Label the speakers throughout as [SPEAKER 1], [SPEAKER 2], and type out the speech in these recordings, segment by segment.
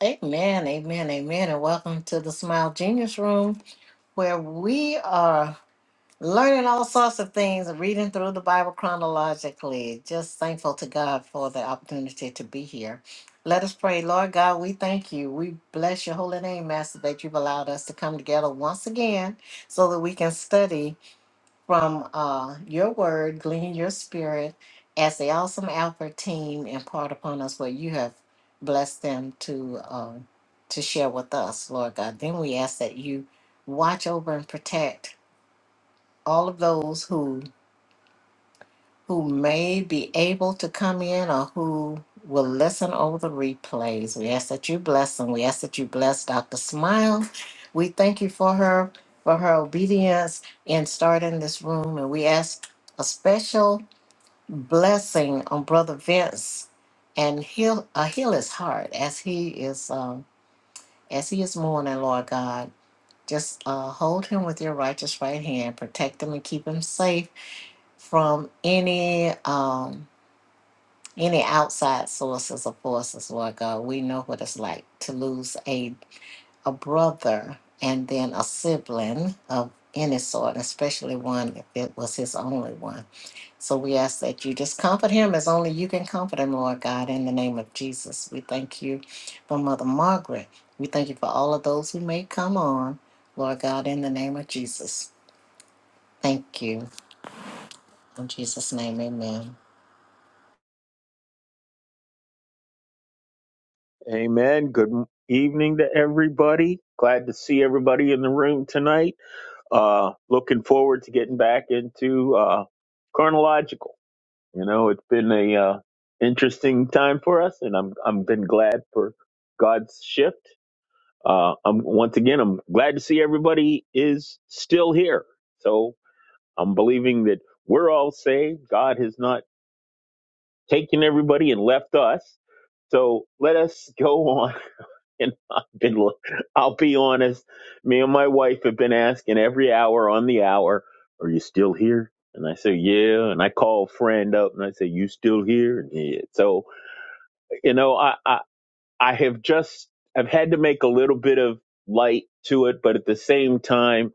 [SPEAKER 1] Amen, amen, amen, and welcome to the Smile Genius Room, where we are learning all sorts of things, reading through the Bible chronologically. Just thankful to God for the opportunity to be here. Let us pray, Lord God. We thank you. We bless your holy name, Master, that you've allowed us to come together once again so that we can study from uh, your word, glean your spirit as the awesome Alpha team impart upon us what you have blessed them to uh, to share with us, Lord God. Then we ask that you watch over and protect all of those who who may be able to come in or who will listen over the replays. We ask that you bless them. We ask that you bless Dr. Smile. We thank you for her for her obedience in starting this room and we ask a special blessing on brother Vince and heal uh, heal his heart as he is um, as he is mourning, Lord God. Just uh, hold him with your righteous right hand, protect him and keep him safe from any um, any outside sources, of forces, Lord God, we know what it's like to lose a a brother and then a sibling of any sort, especially one if it was his only one. So we ask that you just comfort him as only you can comfort him, Lord God, in the name of Jesus. We thank you for Mother Margaret. We thank you for all of those who may come on, Lord God, in the name of Jesus. Thank you. In Jesus' name, amen.
[SPEAKER 2] Amen. Good evening to everybody. Glad to see everybody in the room tonight. Uh, looking forward to getting back into uh, chronological. You know, it's been a uh, interesting time for us, and I'm I'm been glad for God's shift. Uh, I'm once again I'm glad to see everybody is still here. So I'm believing that we're all saved. God has not taken everybody and left us. So let us go on and I've been, I'll be honest, me and my wife have been asking every hour on the hour, are you still here? And I say, yeah. And I call a friend up and I say, you still here? And he, is. so, you know, I, I, I have just, I've had to make a little bit of light to it, but at the same time,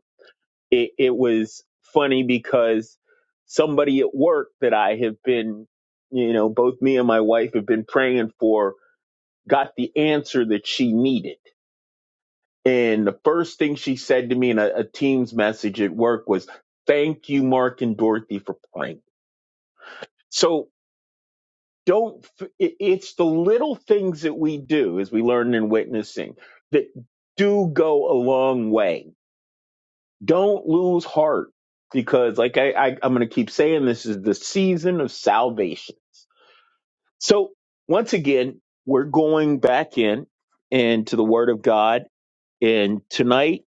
[SPEAKER 2] it, it was funny because somebody at work that I have been, you know, both me and my wife have been praying for got the answer that she needed And the first thing she said to me in a, a team's message at work was, Thank you, Mark and Dorothy, for praying. So don't, f- it- it's the little things that we do as we learn in witnessing that do go a long way. Don't lose heart because, like I, I, I'm going to keep saying, this is the season of salvation. So, once again, we're going back in and to the Word of God. And tonight,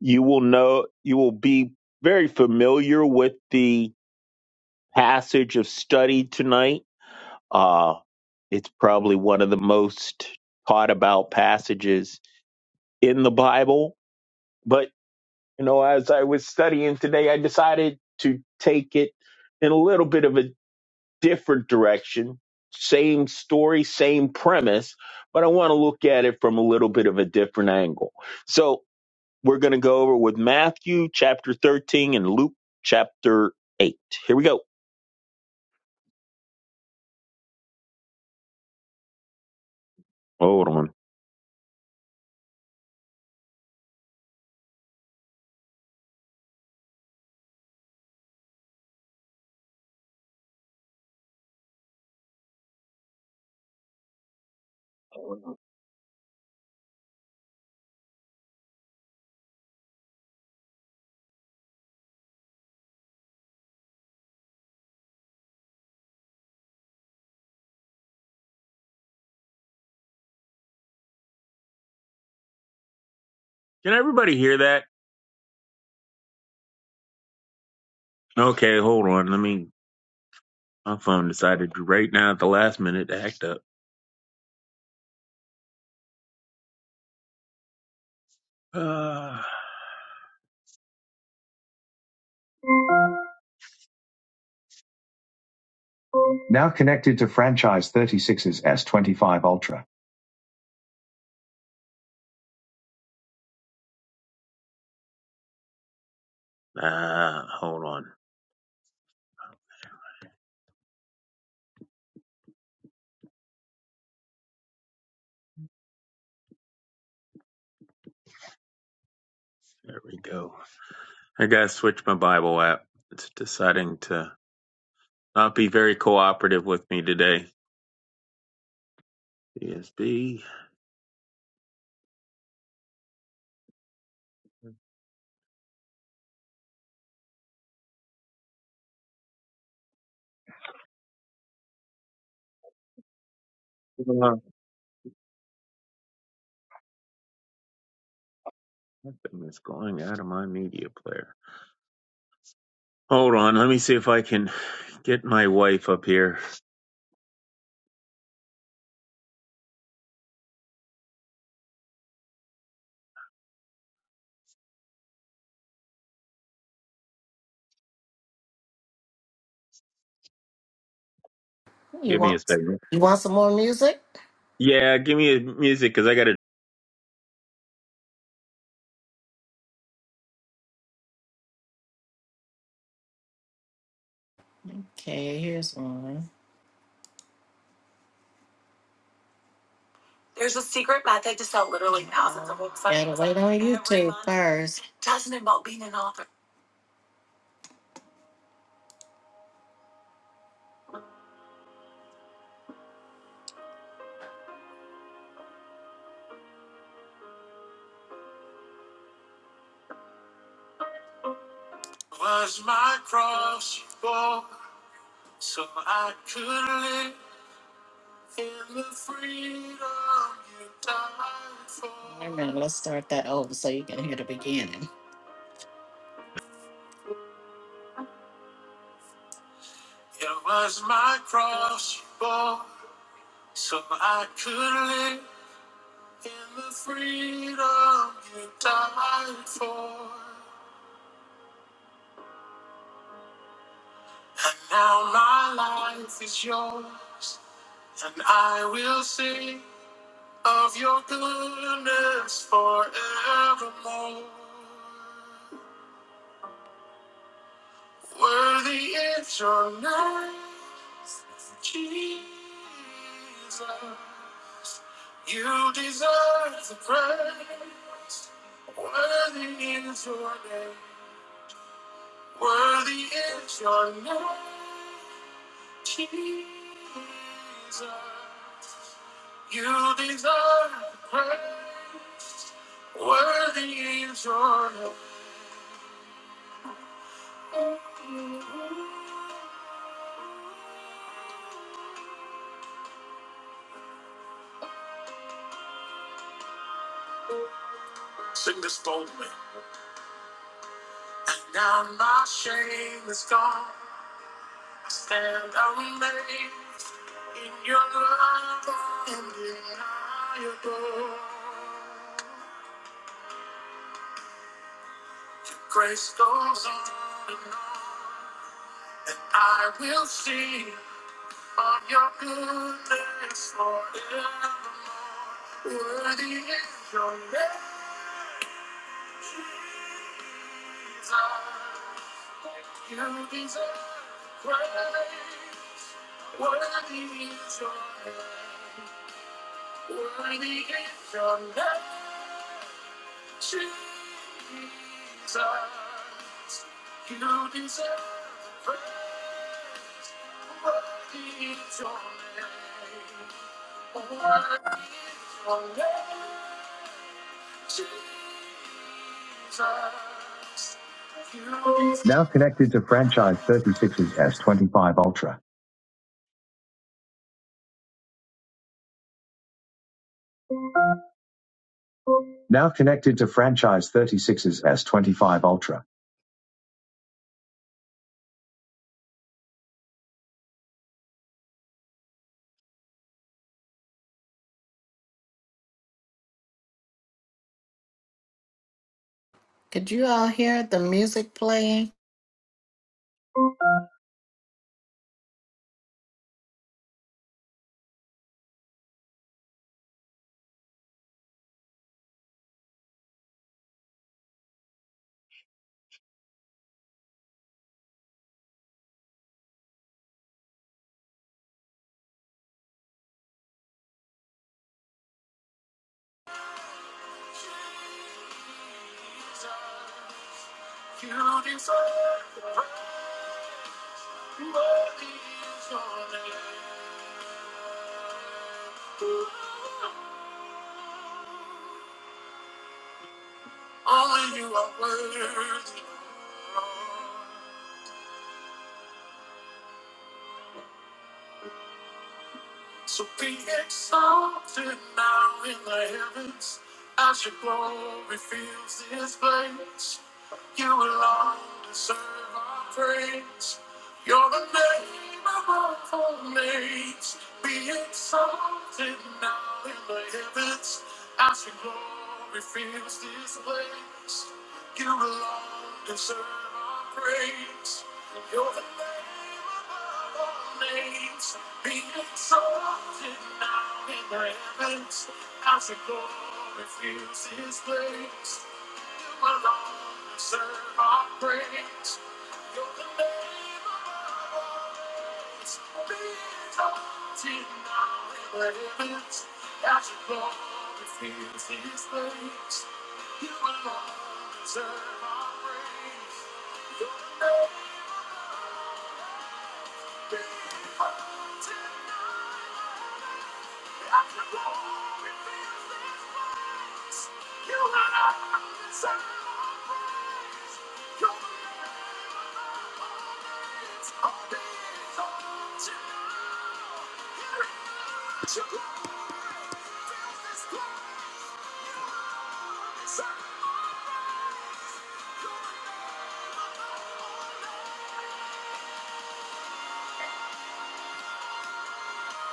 [SPEAKER 2] you will know you will be very familiar with the passage of study tonight uh it's probably one of the most taught about passages in the bible but you know as i was studying today i decided to take it in a little bit of a different direction same story same premise but i want to look at it from a little bit of a different angle so We're going to go over with Matthew chapter 13 and Luke chapter 8. Here we go. Hold on. Can everybody hear that? Okay, hold on. Let me. My phone decided right now at the last minute to act up. Ah, Uh, ah, hold on. There we go. I gotta switch my Bible app. It's deciding to not be very cooperative with me today. CSB. Uh, is going out of my media player. Hold on. Let me see if I can get my wife up here.
[SPEAKER 1] You
[SPEAKER 2] Give me a
[SPEAKER 1] want
[SPEAKER 2] second.
[SPEAKER 1] you want some more music?
[SPEAKER 2] Yeah, give me a music because I got to.
[SPEAKER 1] Okay, here's one. Gotta wait on YouTube first. was my cross you so I could live the freedom Wait a minute, let's start that over so you can hear the beginning. It was my cross you bore, so I could live in the freedom you died for. And now my life is yours, and I will sing. of your goodness forevermore. Worthy is your name, Jesus. You deserve the praise. Worthy is your name. Worthy is your name, Jesus. You deserve praise. Worthy is your name. Sing this boldly. Now my shame is gone. I stand amazed in your love and deniable. Grace goes on and on. I will see of your goodness forevermore. Worthy is your name. You deserve praise. Worthy is your name. Worthy is your name, Jesus. You deserve praise. Worthy is your name. Worthy is your name, could you all hear the music playing? Only you are worthy. So be exalted now in the heavens as your glory fills this place. You alone deserve our praise. You're the name above all names. Be exalted now in the heavens as your glory fills this place. You alone deserve our praise. You're the name above all names. Be exalted now in the heavens as the glory fills his place.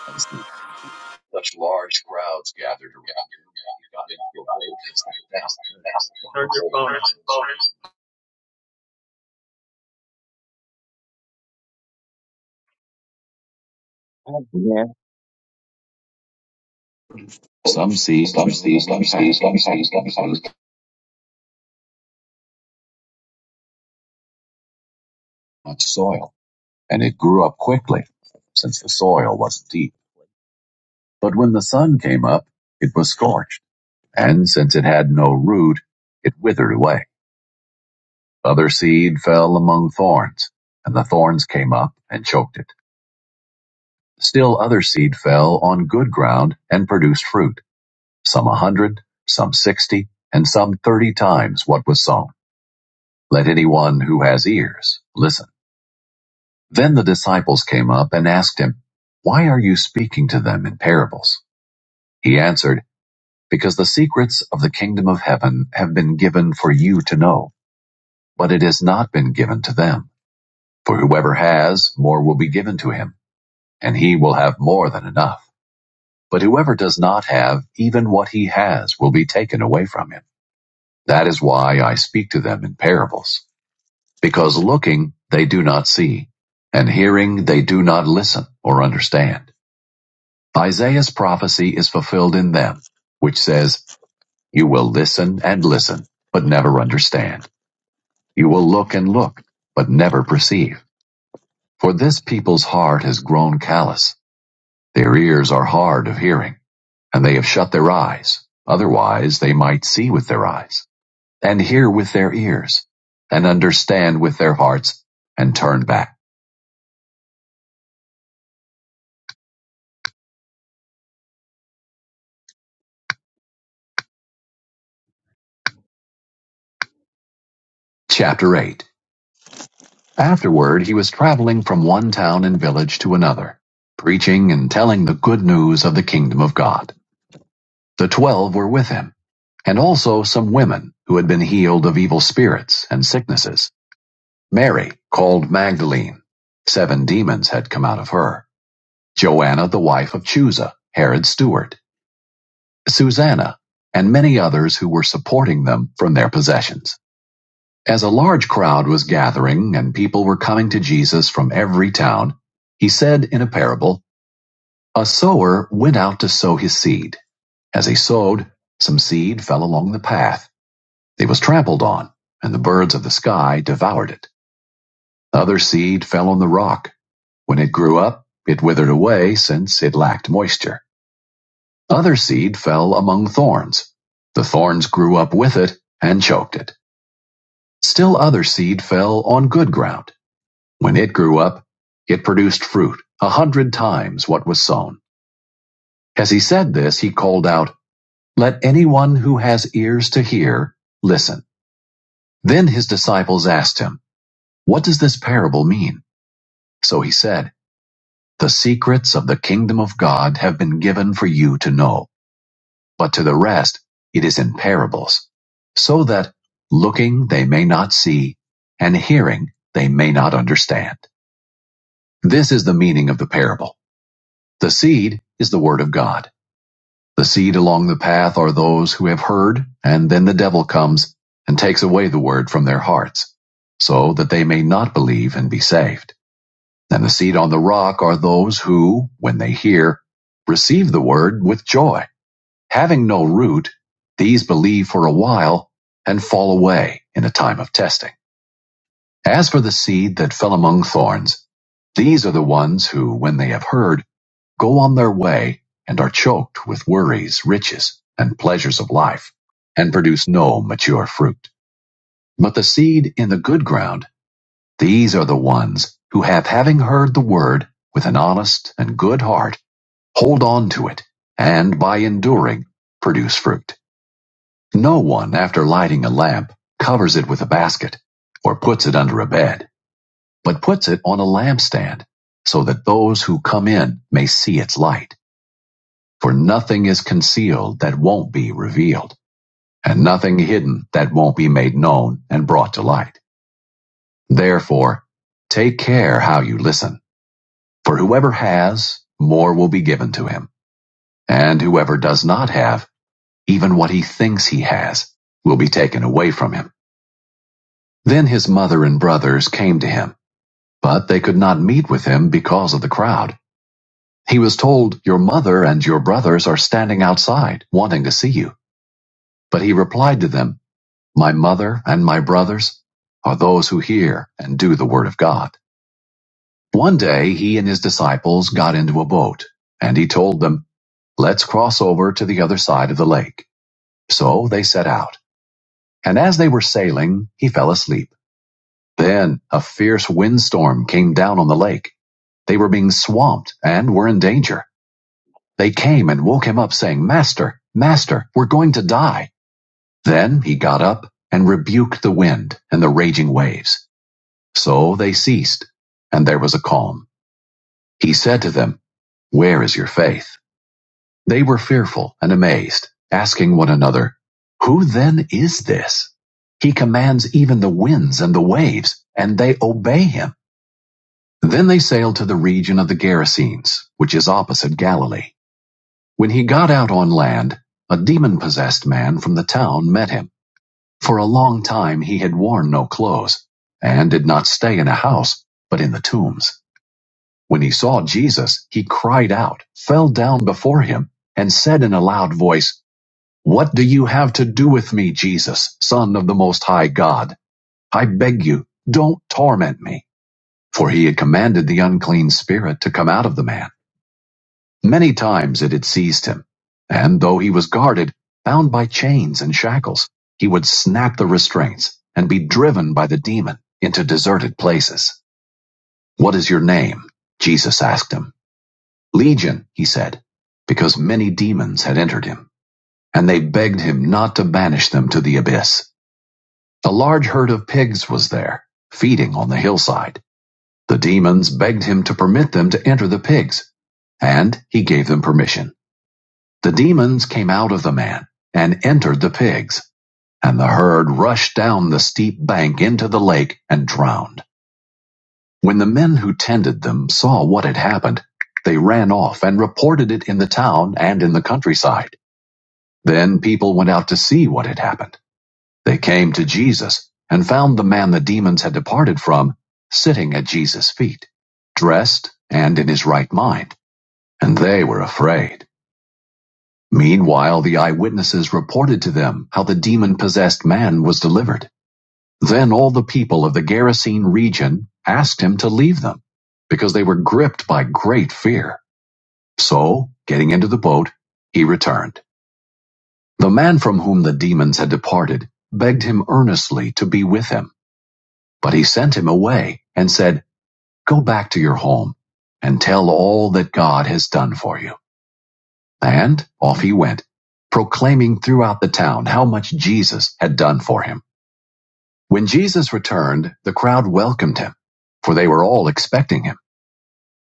[SPEAKER 3] and so such large crowds gathered around him. God, it will make us fast, fast, Turn
[SPEAKER 2] Yeah.
[SPEAKER 3] Some seed was much soil, and it grew up quickly, since the soil wasn't deep. But when the sun came up, it was scorched, and since it had no root, it withered away. Other seed fell among thorns, and the thorns came up and choked it. Still other seed fell on good ground and produced fruit some a hundred, some sixty, and some thirty times what was sown. Let anyone who has ears listen. Then the disciples came up and asked him, Why are you speaking to them in parables? He answered, Because the secrets of the kingdom of heaven have been given for you to know, but it has not been given to them. For whoever has, more will be given to him, and he will have more than enough. But whoever does not have, even what he has will be taken away from him. That is why I speak to them in parables, because looking they do not see, and hearing they do not listen or understand. Isaiah's prophecy is fulfilled in them, which says, You will listen and listen, but never understand. You will look and look, but never perceive. For this people's heart has grown callous. Their ears are hard of hearing, and they have shut their eyes. Otherwise they might see with their eyes and hear with their ears, and understand with their hearts, and turn back. Chapter 8 Afterward he was traveling from one town and village to another, preaching and telling the good news of the kingdom of God. The twelve were with him, and also some women who had been healed of evil spirits and sicknesses. Mary, called Magdalene. Seven demons had come out of her. Joanna, the wife of Chusa, Herod's steward. Susanna, and many others who were supporting them from their possessions. As a large crowd was gathering and people were coming to Jesus from every town, he said in a parable, A sower went out to sow his seed. As he sowed, some seed fell along the path. It was trampled on, and the birds of the sky devoured it. Other seed fell on the rock. When it grew up, it withered away since it lacked moisture. Other seed fell among thorns; the thorns grew up with it, and choked it. Still other seed fell on good ground. When it grew up, it produced fruit a hundred times what was sown. As he said this, he called out, Let anyone who has ears to hear listen. Then his disciples asked him, What does this parable mean? So he said, The secrets of the kingdom of God have been given for you to know but to the rest it is in parables, so that looking they may not see, and hearing they may not understand. This is the meaning of the parable. The seed is the word of God. The seed along the path are those who have heard, and then the devil comes and takes away the word from their hearts, so that they may not believe and be saved. And the seed on the rock are those who, when they hear, receive the word with joy Having no root, these believe for a while and fall away in a time of testing. As for the seed that fell among thorns, these are the ones who, when they have heard, go on their way and are choked with worries, riches, and pleasures of life, and produce no mature fruit. But the seed in the good ground, these are the ones who have, having heard the word with an honest and good heart, hold on to it, and by enduring, produce fruit. No one, after lighting a lamp, covers it with a basket or puts it under a bed, but puts it on a lampstand so that those who come in may see its light. For nothing is concealed that won't be revealed, and nothing hidden that won't be made known and brought to light. Therefore, take care how you listen, for whoever has, more will be given to him, and whoever does not have, even what he thinks he has, will be taken away from him. Then his mother and brothers came to him, but they could not meet with him because of the crowd. He was told, Your mother and your brothers are standing outside, wanting to see you. But he replied to them, My mother and my brothers are those who hear and do the word of God. One day he and his disciples got into a boat, and he told them, Let's cross over to the other side of the lake. So they set out, and as they were sailing, he fell asleep. Then a fierce windstorm came down on the lake They were being swamped and were in danger. They came and woke him up, saying, Master, Master, we're going to die. Then he got up and rebuked the wind and the raging waves. So they ceased, and there was a calm. He said to them, Where is your faith? They were fearful and amazed, asking one another, Who then is this? He commands even the winds and the waves, and they obey him. Then they sailed to the region of the Gerasenes, which is opposite Galilee. When he got out on land, a demon possessed man from the town met him. For a long time he had worn no clothes, and did not stay in a house, but in the tombs. When he saw Jesus, he cried out, fell down before him, and said in a loud voice, What do you have to do with me, Jesus, Son of the Most High God? I beg you, don't torment me. For he had commanded the unclean spirit to come out of the man. Many times it had seized him, and though he was guarded, bound by chains and shackles, he would snap the restraints and be driven by the demon into deserted places. What is your name? Jesus asked him. Legion, he said, because many demons had entered him, and they begged him not to banish them to the abyss. A large herd of pigs was there, feeding on the hillside. The demons begged him to permit them to enter the pigs, and he gave them permission. The demons came out of the man, and entered the pigs, and the herd rushed down the steep bank into the lake and drowned. When the men who tended them saw what had happened, they ran off and reported it in the town and in the countryside. Then people went out to see what had happened. They came to Jesus and found the man the demons had departed from sitting at Jesus' feet, dressed and in his right mind, and they were afraid. Meanwhile the eyewitnesses reported to them how the demon-possessed man was delivered. Then all the people of the Gerasene region asked him to leave them, because they were gripped by great fear. So, getting into the boat, he returned. The man from whom the demons had departed begged him earnestly to be with him, but he sent him away and said, Go back to your home and tell all that God has done for you. And off he went, proclaiming throughout the town how much Jesus had done for him. When Jesus returned, the crowd welcomed him, for they were all expecting him.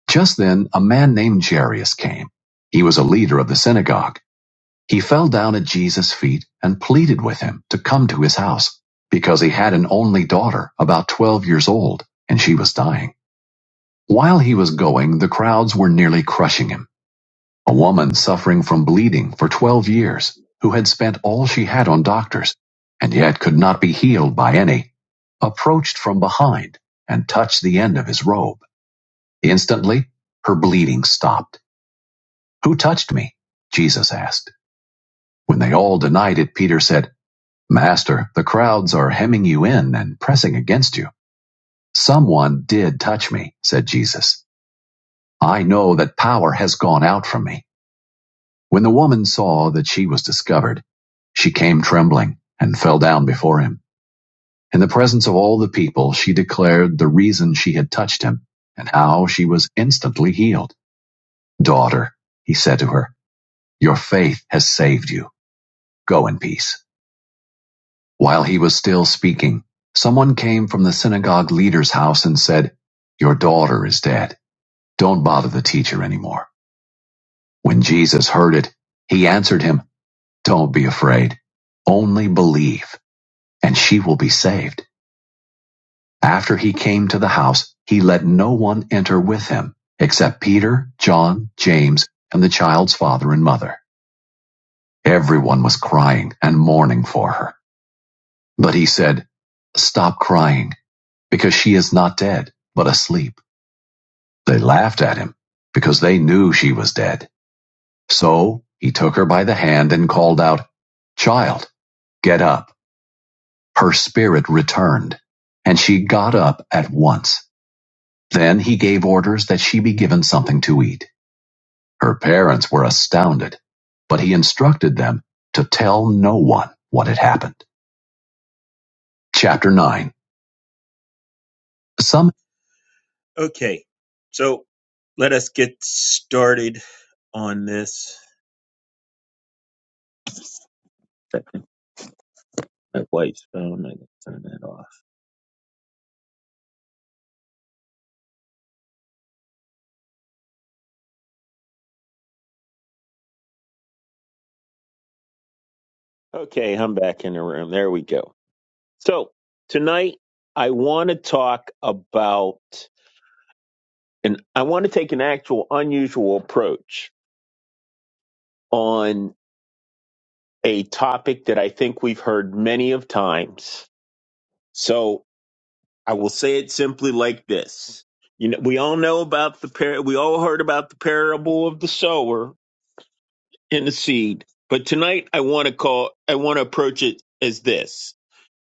[SPEAKER 3] Just then, a man named Jairus came. He was a leader of the synagogue. He fell down at Jesus' feet and pleaded with him to come to his house, because he had an only daughter, about 12 years old, and she was dying. While he was going, the crowds were nearly crushing him. A woman suffering from bleeding for 12 years, who had spent all she had on doctors, and yet could not be healed by any, approached from behind and touched the end of his robe. Instantly, her bleeding stopped. Who touched me? Jesus asked. When they all denied it, Peter said, Master, the crowds are hemming you in and pressing against you. Someone did touch me, said Jesus. I know that power has gone out from me. When the woman saw that she was discovered, she came trembling and fell down before him. In the presence of all the people, she declared the reason she had touched him and how she was instantly healed. Daughter, he said to her, your faith has saved you. Go in peace. While he was still speaking, someone came from the synagogue leader's house and said, Your daughter is dead. Don't bother the teacher anymore. When Jesus heard it, he answered him, Don't be afraid. Only believe. and she will be saved. After he came to the house, he let no one enter with him, except Peter, John, James, and the child's father and mother. Everyone was crying and mourning for her. But he said, Stop crying, because she is not dead, but asleep. They laughed at him, because they knew she was dead. So he took her by the hand and called out, Child, get up. Her spirit returned, and she got up at once. Then he gave orders that she be given something to eat. Her parents were astounded, but he instructed them to tell no one what had happened. Chapter 9 Some.
[SPEAKER 2] Okay, I'm back in the room. There we go. So tonight I want to talk about, and I want to take an actual unusual approach on a topic that I think we've heard many of times. So I will say it simply like this. You know, we all know about the par- we all heard about the parable of the sower and the seed, but tonight I want to call I want to approach it as this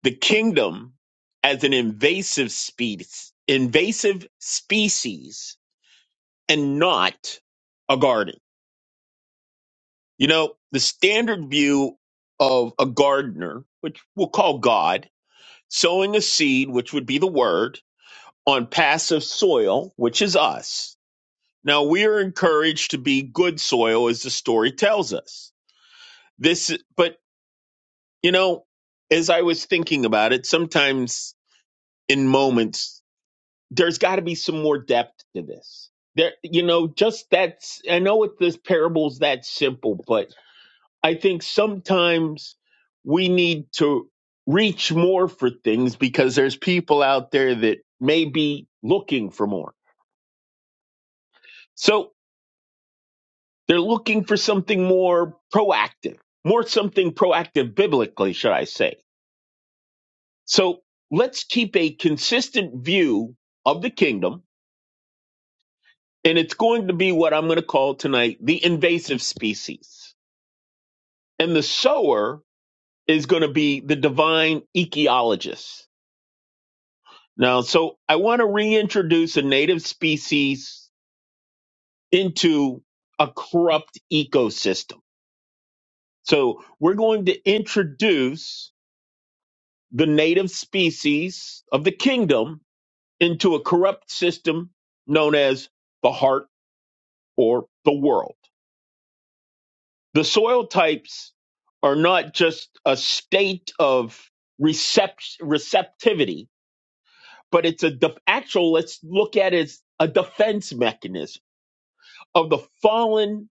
[SPEAKER 2] the kingdom as an invasive species, invasive species, and not a garden. You know, the standard view of a gardener, which we'll call God, sowing a seed, which would be the word, on passive soil, which is us. Now we are encouraged to be good soil, as the story tells us. This, but you know, as I was thinking about it, sometimes in moments there's got to be some more depth to this. There, you know, just that's, I know it, this parable's that simple, but I think sometimes we need to reach more for things because there's people out there that may be looking for more. So they're looking for something more proactive, more something proactive biblically, should I say. So let's keep a consistent view of the kingdom And it's going to be what I'm going to call tonight the invasive species. And the sower is going to be the divine ecologist. Now, so I want to reintroduce a native species into a corrupt ecosystem. So we're going to introduce the native species of the kingdom into a corrupt system known as the heart or the world. The soil types are not just a state of recept- receptivity, but it's a de- actual, let's look at it as a defense mechanism of the fallen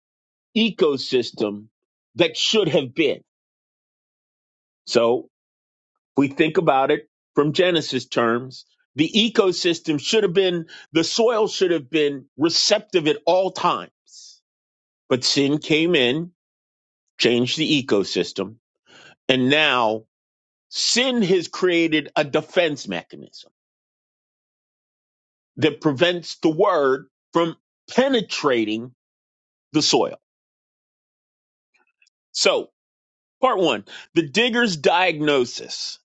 [SPEAKER 2] ecosystem that should have been. So if we think about it from Genesis terms, the ecosystem should have been, the soil should have been receptive at all times. But sin came in, changed the ecosystem, and now Sin has created a defense mechanism that prevents the word from penetrating the soil. So, part one the digger's diagnosis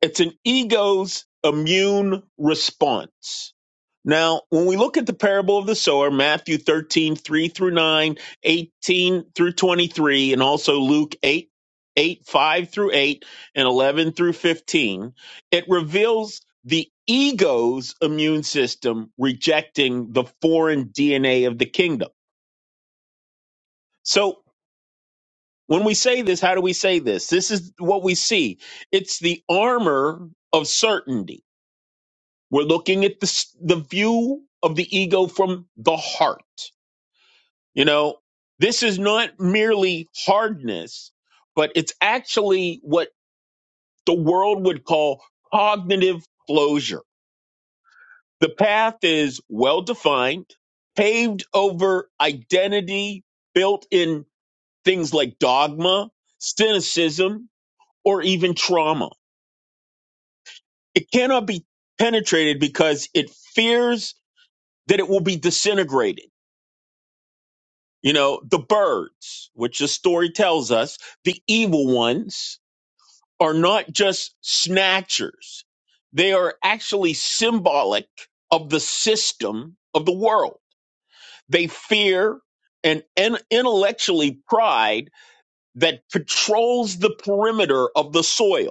[SPEAKER 2] it's an ego's immune response. Now, when we look at the parable of the sower, Matthew 13 3 through 9, 18 through 23, and also Luke 8 8 5 through 8, and 11 through 15, it reveals the ego's immune system rejecting the foreign DNA of the kingdom. So, when we say this, how do we say this? This is what we see it's the armor of certainty. We're looking at the, s- the view of the ego from the heart You know, this is not merely hardness, but it's actually what the world would call cognitive closure. The path is well defined, paved over identity built in things like dogma, cynicism, or even trauma. It cannot be penetrated because it fears that it will be disintegrated. You know, the birds, which the story tells us, the evil ones, are not just snatchers, they are actually symbolic of the system of the world. They fear and in- intellectually pride that patrols the perimeter of the soil.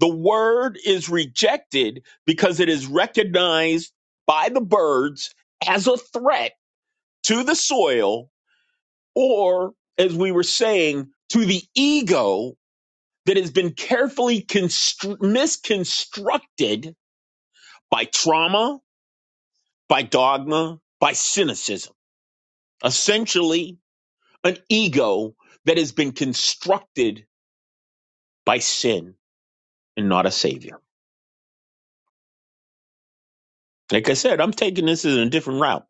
[SPEAKER 2] The word is rejected because it is recognized by the birds as a threat to the soil or, as we were saying, to the ego that has been carefully constr- misconstructed by trauma, by dogma, by cynicism. Essentially, an ego that has been constructed by sin and not a savior. Like I said, I'm taking this as a different route.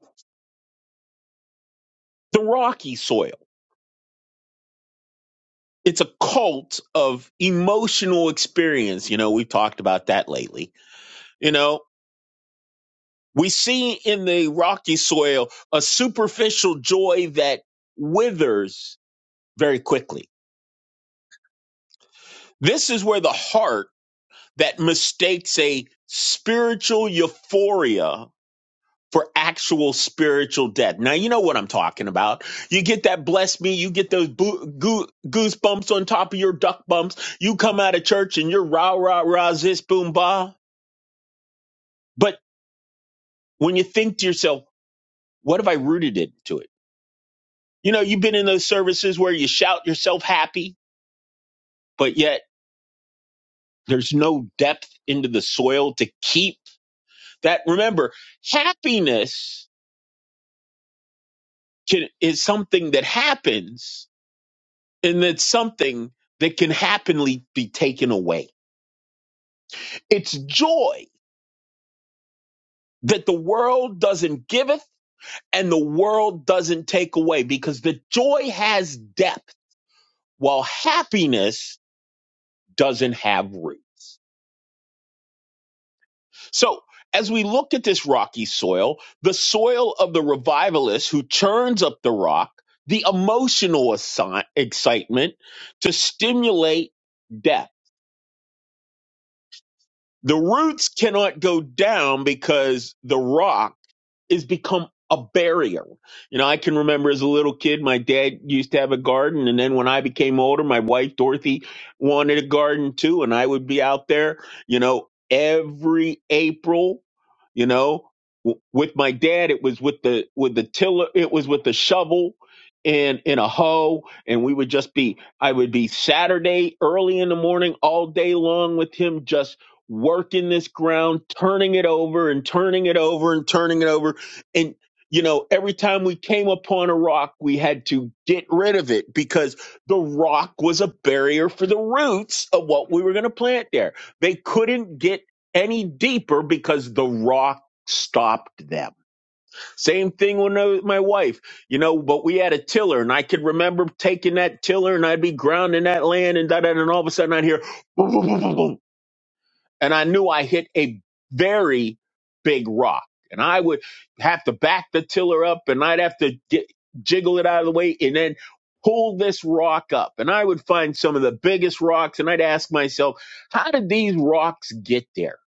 [SPEAKER 2] The rocky soil. It's a cult of emotional experience. You know, we've talked about that lately. You know, we see in the rocky soil a superficial joy that withers very quickly This is where the heart that mistakes a spiritual euphoria for actual spiritual death. Now, you know what I'm talking about. You get that bless me, you get those boo- goo- goosebumps on top of your duck bumps. You come out of church and you're rah, rah, rah, zis, boom, bah. But when you think to yourself, what have I rooted into it? You know, you've been in those services where you shout yourself happy, but yet there's no depth into the soil to keep That remember, happiness can, is something that happens, and it's something that can happily be taken away. It's joy that the world doesn't giveth and the world doesn't take away because the joy has depth, while happiness doesn't have root. So, as we look at this rocky soil, the soil of the revivalist who churns up the rock, the emotional assi- excitement to stimulate death. The roots cannot go down because the rock is become a barrier. You know, I can remember as a little kid, my dad used to have a garden. And then when I became older, my wife, Dorothy, wanted a garden too. And I would be out there, you know, every April, you know, w- with my dad, it was with the, with the tiller, it was with the shovel and, in a hoe. And we would just be, I would be Saturday early in the morning, all day long with him, just working this ground, turning it over and turning it over and turning it over and you know every time we came upon a rock we had to get rid of it because the rock was a barrier for the roots of what we were going to plant there they couldn't get any deeper because the rock stopped them same thing with my wife you know but we had a tiller and i could remember taking that tiller and i'd be grounding that land and da da da, and all of a sudden i'd hear and I knew I hit a very big rock. And I would have to back the tiller up and I'd have to gi- jiggle it out of the way and then pull this rock up. And I would find some of the biggest rocks and I'd ask myself, how did these rocks get there?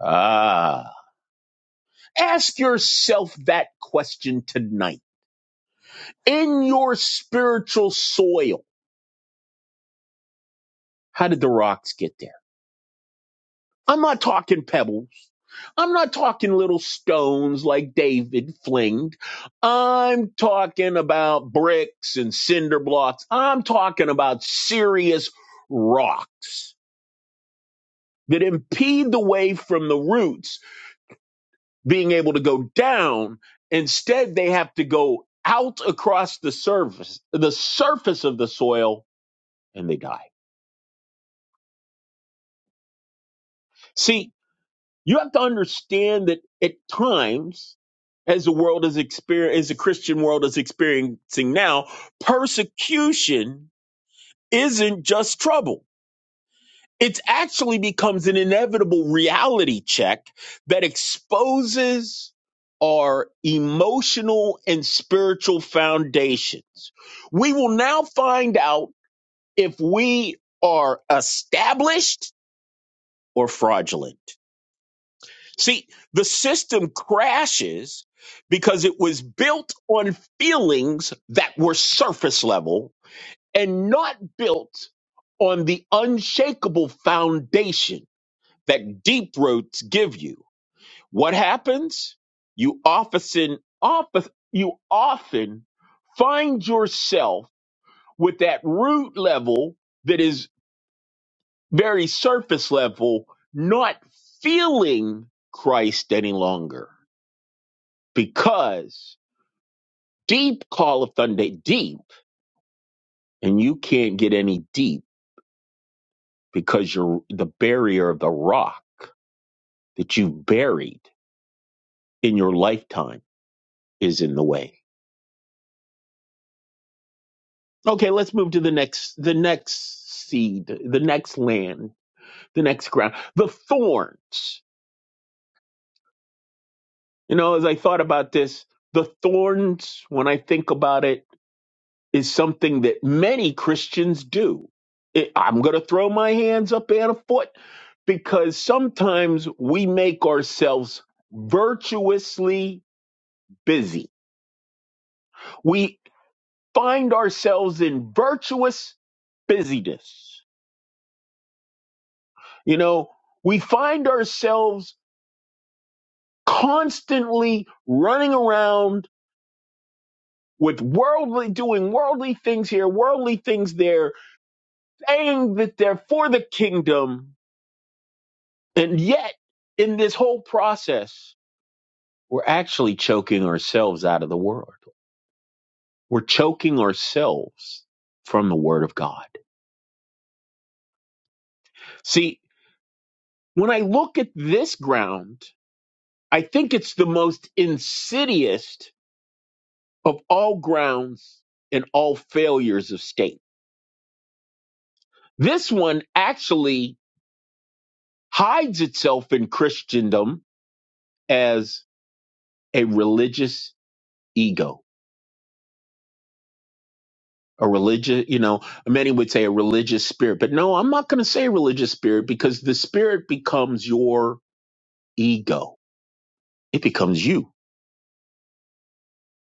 [SPEAKER 2] Ah. Ask yourself that question tonight. In your spiritual soil, how did the rocks get there? I'm not talking pebbles. I'm not talking little stones like David flinged. I'm talking about bricks and cinder blocks. I'm talking about serious rocks that impede the way from the roots being able to go down. Instead, they have to go out across the surface, the surface of the soil, and they die. See, You have to understand that at times, as the world is experiencing, as the Christian world is experiencing now, persecution isn't just trouble. It actually becomes an inevitable reality check that exposes our emotional and spiritual foundations. We will now find out if we are established or fraudulent See, the system crashes because it was built on feelings that were surface level and not built on the unshakable foundation that deep roots give you. What happens? You often, often, you often find yourself with that root level that is very surface level, not feeling Christ any longer because deep calleth unto deep, and you can't get any deep because you're the barrier of the rock that you buried in your lifetime is in the way. Okay, let's move to the next the next seed, the next land, the next ground. The thorns. You know, as I thought about this, the thorns, when I think about it, is something that many Christians do. It- I'm going to throw my hands up and a foot because sometimes we make ourselves virtuously busy. We find ourselves in virtuous busyness. You know, we find ourselves constantly running around with worldly, doing worldly things here, worldly things there, saying that they're for the kingdom, And yet, in this whole process, we're actually choking ourselves out of the word. We're choking ourselves from the word of God. See, when I look at this ground, I think it's the most insidious of all grounds and all failures of state. This one actually hides itself in Christendom as a religious ego a religious, you know, many would say a religious spirit, but no, I'm not going to say religious spirit because the spirit becomes your ego. It becomes you.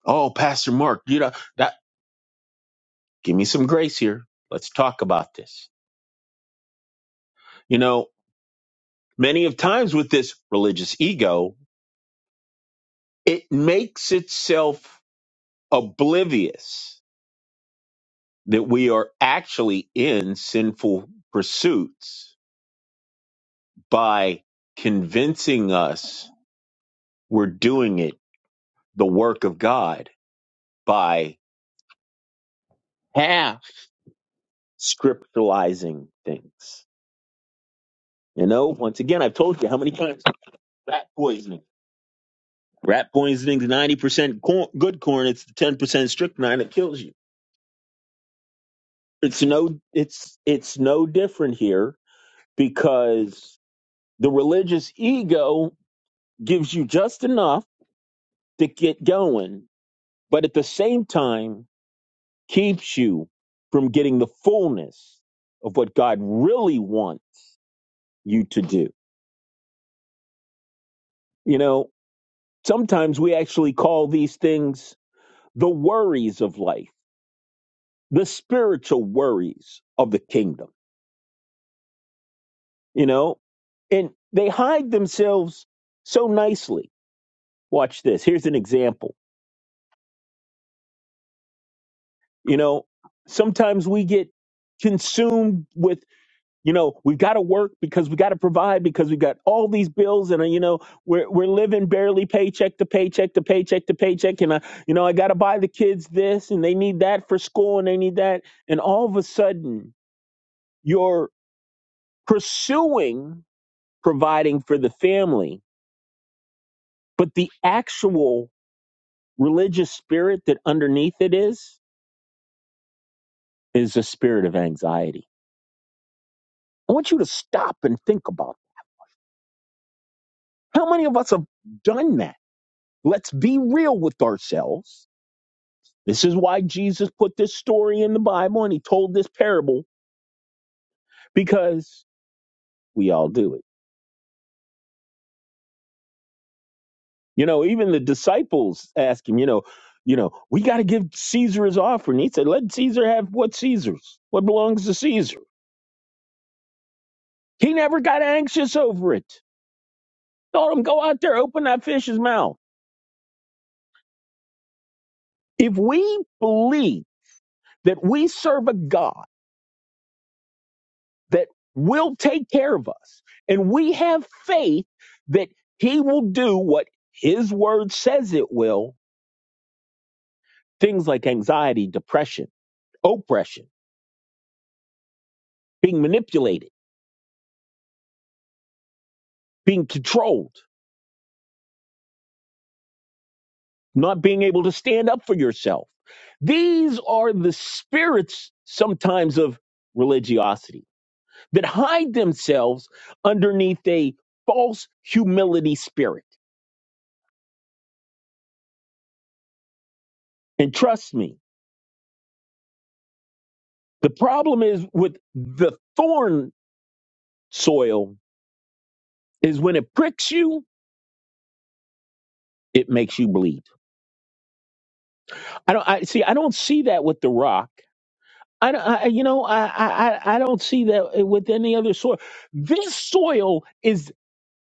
[SPEAKER 2] Oh, Pastor Mark, you know, that give me some grace here. Let's talk about this. You know, many of times with this religious ego, it makes itself oblivious that we are actually in sinful pursuits by convincing us we're doing it the work of God by half scripturalizing things. You know, once again, I've told you how many times rat poisoning. Rat poisoning is ninety percent cor- good corn. It's the ten percent strychnine that kills you. It's no, it's it's no different here because the religious ego gives you just enough to get going, but at the same time keeps you from getting the fullness of what God really wants you to do. You know, Sometimes we actually call these things the worries of life, the spiritual worries of the kingdom, you know? And they hide themselves so nicely. Watch this. Here's an example. You know, sometimes we get consumed with You know, we've got to work because we got to provide because we've got all these bills and, uh, you know, we're, we're living barely paycheck to paycheck to paycheck to paycheck. And, I, you know, I got to buy the kids this and they need that for school and they need that. And all of a sudden, you're pursuing providing for the family. But the actual religious spirit that underneath it is, is a spirit of anxiety. I want you to stop and think about it. how many of us have done that? Let's be real with ourselves This is why Jesus put this story in the Bible and he told this parable because we all do it. You know, even the disciples ask him, you know, you know, we got to give Caesar his offering. He said, let Caesar have what Caesar's, what belongs to Caesar. He never got anxious over it. Told him, go out there, open that fish's mouth. If we believe that we serve a God that will take care of us and we have faith that he will do what his word says it will, Things like anxiety, depression, oppression, being manipulated, being controlled, not being able to stand up for yourself. These are the spirits sometimes of religiosity that hide themselves underneath a false humility spirit. And trust me, the problem is with the thorn soil is when it pricks you, it makes you bleed. I don't I see I don't see that with the rock. I, I you know, I, I, I I don't see that with any other soil. This soil is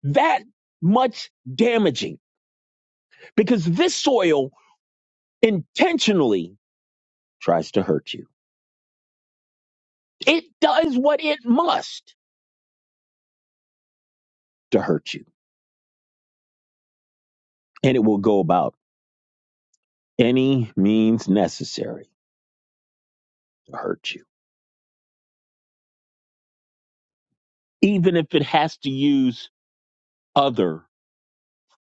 [SPEAKER 2] that much damaging because this soil intentionally tries to hurt you. It does what it must to hurt you, and it will go about any means necessary to hurt you, even if it has to use other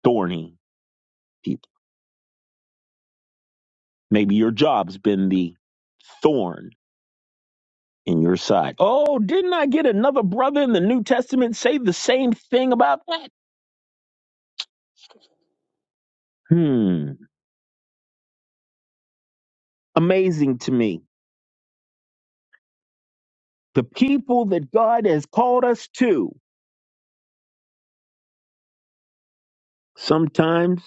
[SPEAKER 2] thorny people. Maybe your job's been the thorn in your side. Oh, didn't I get another brother in the New Testament say the same thing about that? Hmm. Amazing to me. The people that God has called us to sometimes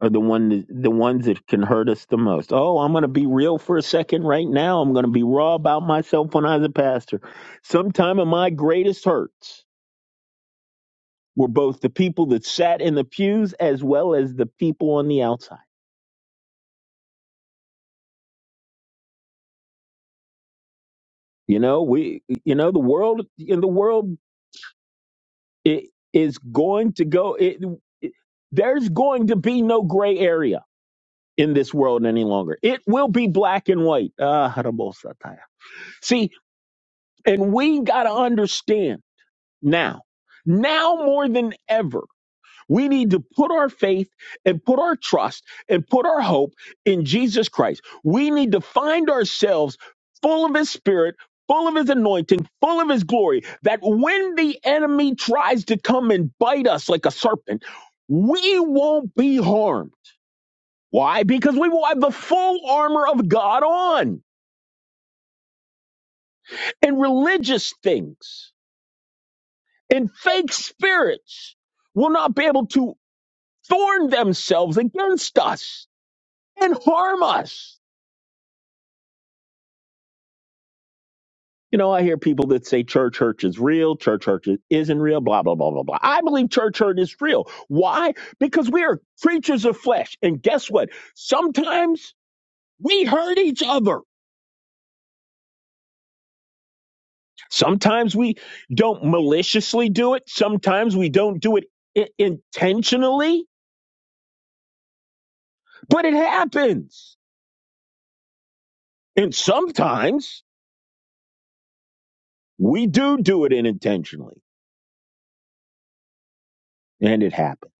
[SPEAKER 2] are the one the ones that can hurt us the most. Oh, I'm going to be real for a second right now. I'm going to be raw about myself when I was a pastor. Sometime of my greatest hurts were both the people that sat in the pews as well as the people on the outside. You know, we you know the world in the world It is going to go. It, it- there's going to be no gray area in this world any longer. It will be black and white. Ah, harabo See, and we got to understand now, now more than ever. We need to put our faith and put our trust and put our hope in Jesus Christ. We need to find ourselves full of His Spirit, full of His anointing, full of His glory, that when the enemy tries to come and bite us like a serpent, we won't be harmed. Why? Because we will have the full armor of God on, and religious things and fake spirits will not be able to thorn themselves against us and harm us. You know, I hear people that say church hurt is real, church hurt isn't real, blah, blah, blah, blah, blah. I believe church hurt is real. Why? Because we are creatures of flesh. And guess what? Sometimes we hurt each other. Sometimes we don't maliciously do it. Sometimes we don't do it I- intentionally, but it happens. And sometimes we do do it unintentionally and it happens.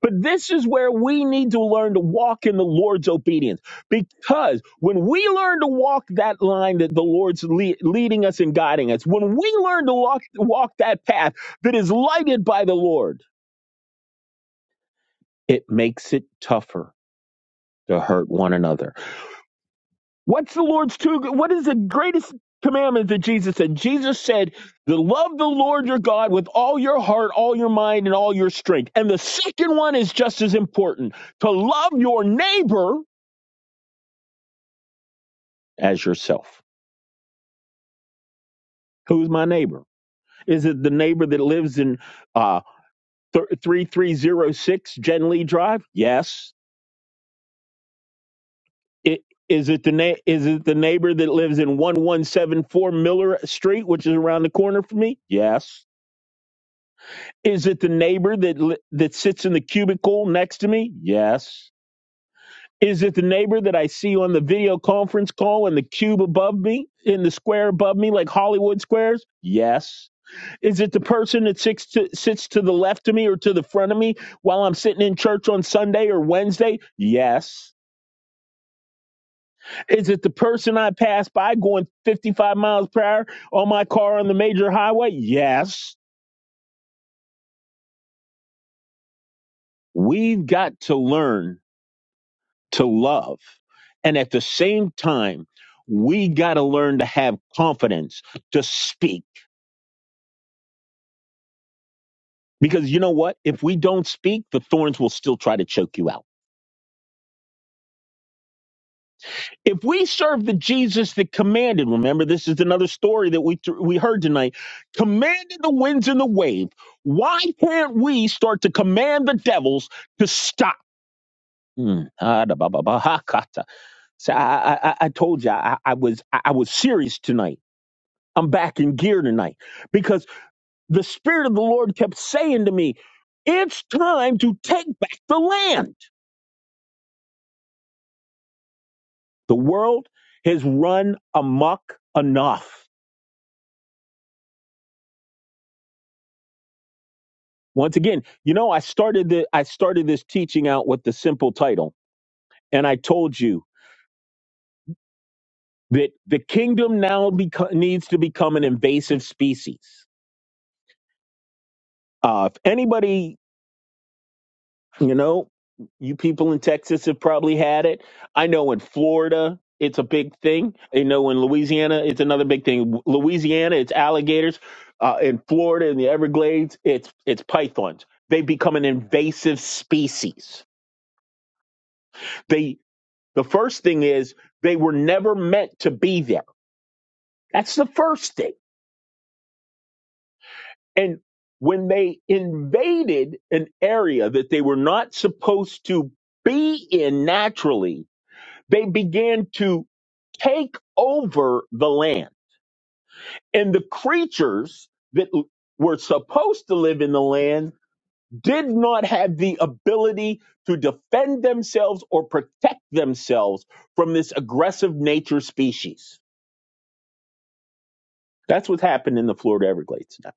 [SPEAKER 2] But this is where we need to learn to walk in the Lord's obedience. Because when we learn to walk that line that the Lord's le- leading us and guiding us, when we learn to walk, walk that path that is lighted by the Lord, it makes it tougher to hurt one another. What's the Lord's two? What is the greatest commandment that Jesus said? Jesus said, to love the Lord your God with all your heart, all your mind, and all your strength. And the second one is just as important to love your neighbor as yourself. Who's my neighbor? Is it the neighbor that lives in uh, 3306 Jen Lee Drive? Yes. It, is it the na- is it the neighbor that lives in 1174 Miller Street, which is around the corner from me? Yes. Is it the neighbor that li- that sits in the cubicle next to me? Yes. Is it the neighbor that I see on the video conference call in the cube above me, in the square above me, like Hollywood squares? Yes. Is it the person that sits to, sits to the left of me or to the front of me while I'm sitting in church on Sunday or Wednesday? Yes. Is it the person I pass by going 55 miles per hour on my car on the major highway? Yes. We've got to learn to love. And at the same time, we got to learn to have confidence to speak. Because you know what? If we don't speak, the thorns will still try to choke you out. If we serve the Jesus that commanded, remember this is another story that we we heard tonight, commanded the winds and the wave. Why can't we start to command the devils to stop? Mm. Ah, da, ba, ba, ba, ha, kata. So I, I, I I told you I, I was I I was serious tonight. I'm back in gear tonight because the spirit of the Lord kept saying to me, "It's time to take back the land. The world has run amok enough." once again you know i started the i started this teaching out with the simple title and i told you that the kingdom now beco- needs to become an invasive species uh, if anybody you know you people in texas have probably had it i know in florida it's a big thing i know in louisiana it's another big thing louisiana it's alligators uh, in florida in the everglades it's it's pythons they become an invasive species They The first thing is they were never meant to be there. That's the first thing. And when they invaded an area that they were not supposed to be in naturally, they began to take over the land. And the creatures that l- were supposed to live in the land did not have the ability to defend themselves or protect themselves from this aggressive nature species. That's what's happened in the Florida Everglades now.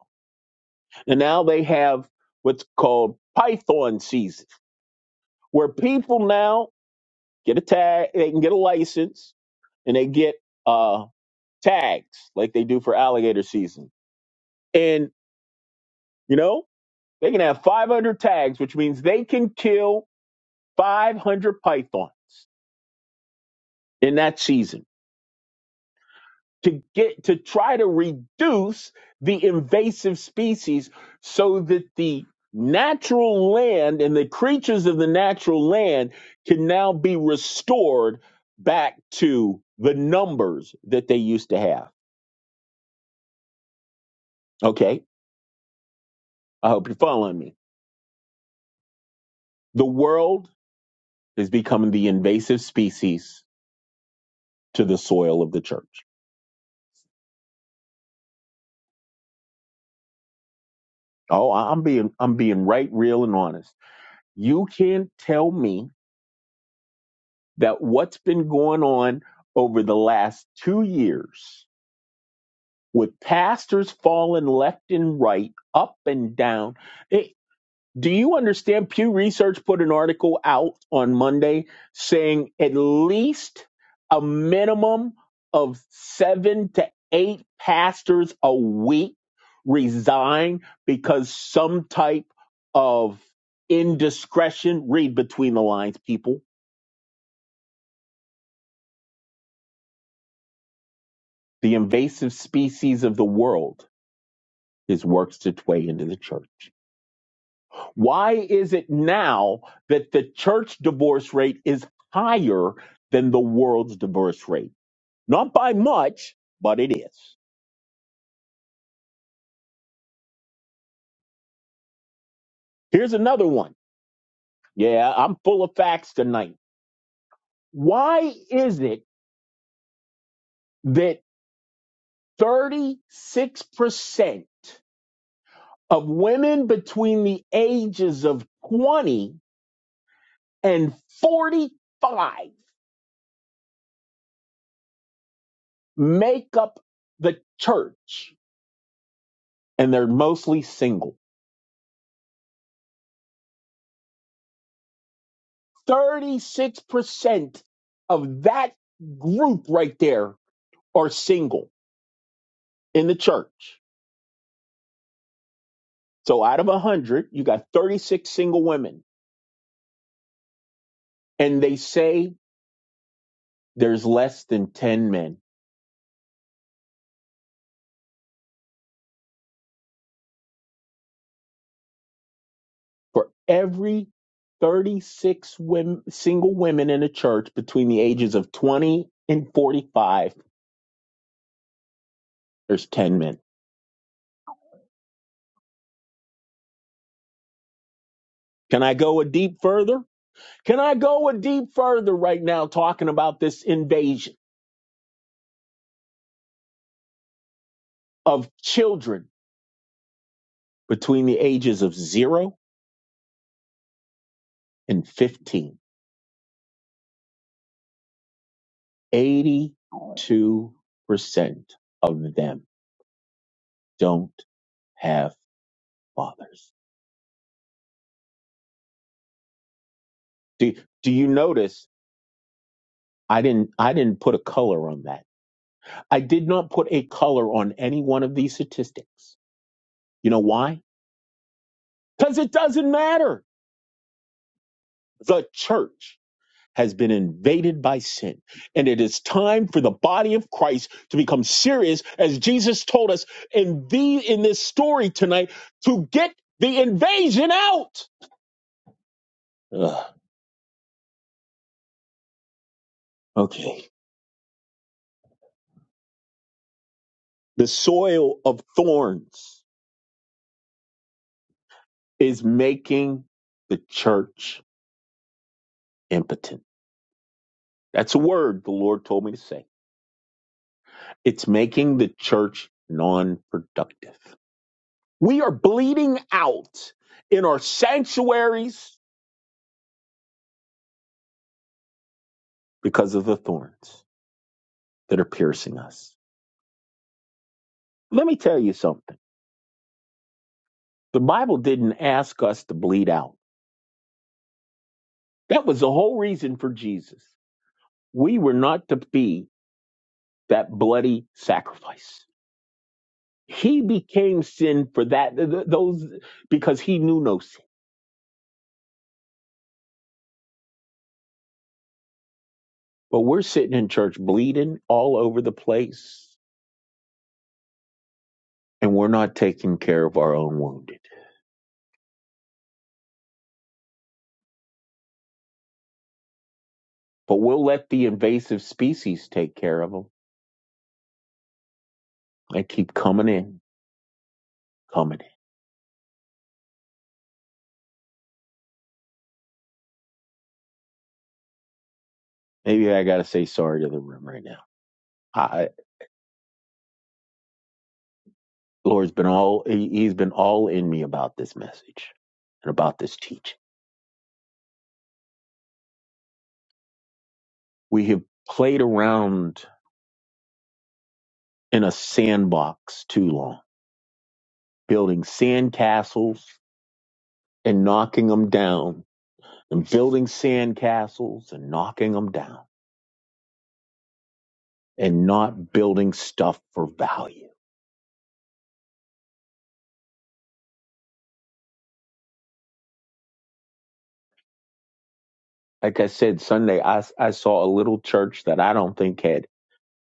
[SPEAKER 2] And now they have what's called python season, where people now get a tag, they can get a license, and they get uh, tags like they do for alligator season. And, you know, they can have 500 tags, which means they can kill 500 pythons in that season to get to try to reduce the invasive species so that the natural land and the creatures of the natural land can now be restored back to the numbers that they used to have. Okay, I hope you're following me. The world is becoming the invasive species to the soil of the church. Oh, I- I'm being I'm being right real and honest. You can not tell me that what's been going on over the last two years with pastors falling left and right, up and down. It, do you understand? Pew Research put an article out on Monday saying at least a minimum of seven to eight pastors a week resign because some type of indiscretion, read between the lines, people The invasive species of the world has worked its way into the church. Why is it now that the church divorce rate is higher than the world's divorce rate? Not by much, but it is. Here's another one. Yeah, I'm full of facts tonight. Why is it that 36% of women between the ages of 20 and 45 make up the church, and they're mostly single. 36% of that group right there are single in the church. So out of 100, you got 36 single women, and they say there's less than 10 men. For every 36 women, single women in a church between the ages of 20 and 45, there's 10 men. Can I go a deep further? Can I go a deep further right now talking about this invasion of children between the ages of 0 and 15? 82% of them don't have fathers. Do, do you notice I didn't I didn't put a color on that. I did not put a color on any one of these statistics. You know why? Cuz it doesn't matter. The church has been invaded by sin. And it is time for the body of Christ to become serious, as Jesus told us in the in this story tonight, to get the invasion out. Ugh, okay. The soil of thorns is making the church impotent. That's a word the Lord told me to say. It's making the church non productive. We are bleeding out in our sanctuaries because of the thorns. that are piercing us. Let me tell you something. The Bible didn't ask us to bleed out. That was the whole reason for Jesus. We were not to be that bloody sacrifice. He became sin for that, th- th- those, because he knew no sin. But we're sitting in church bleeding all over the place and we're not taking care of our own wounded. But we'll let the invasive species take care of them. They keep coming in, coming in. Maybe I got to say sorry to the room right now. I. Lord's been all he- he's been all in me about this message and about this teaching. We have played around in a sandbox too long, building sand castles and knocking them down, and building sand castles and knocking them down, and not building stuff for value. Like I said Sunday, I, I saw a little church that I don't think had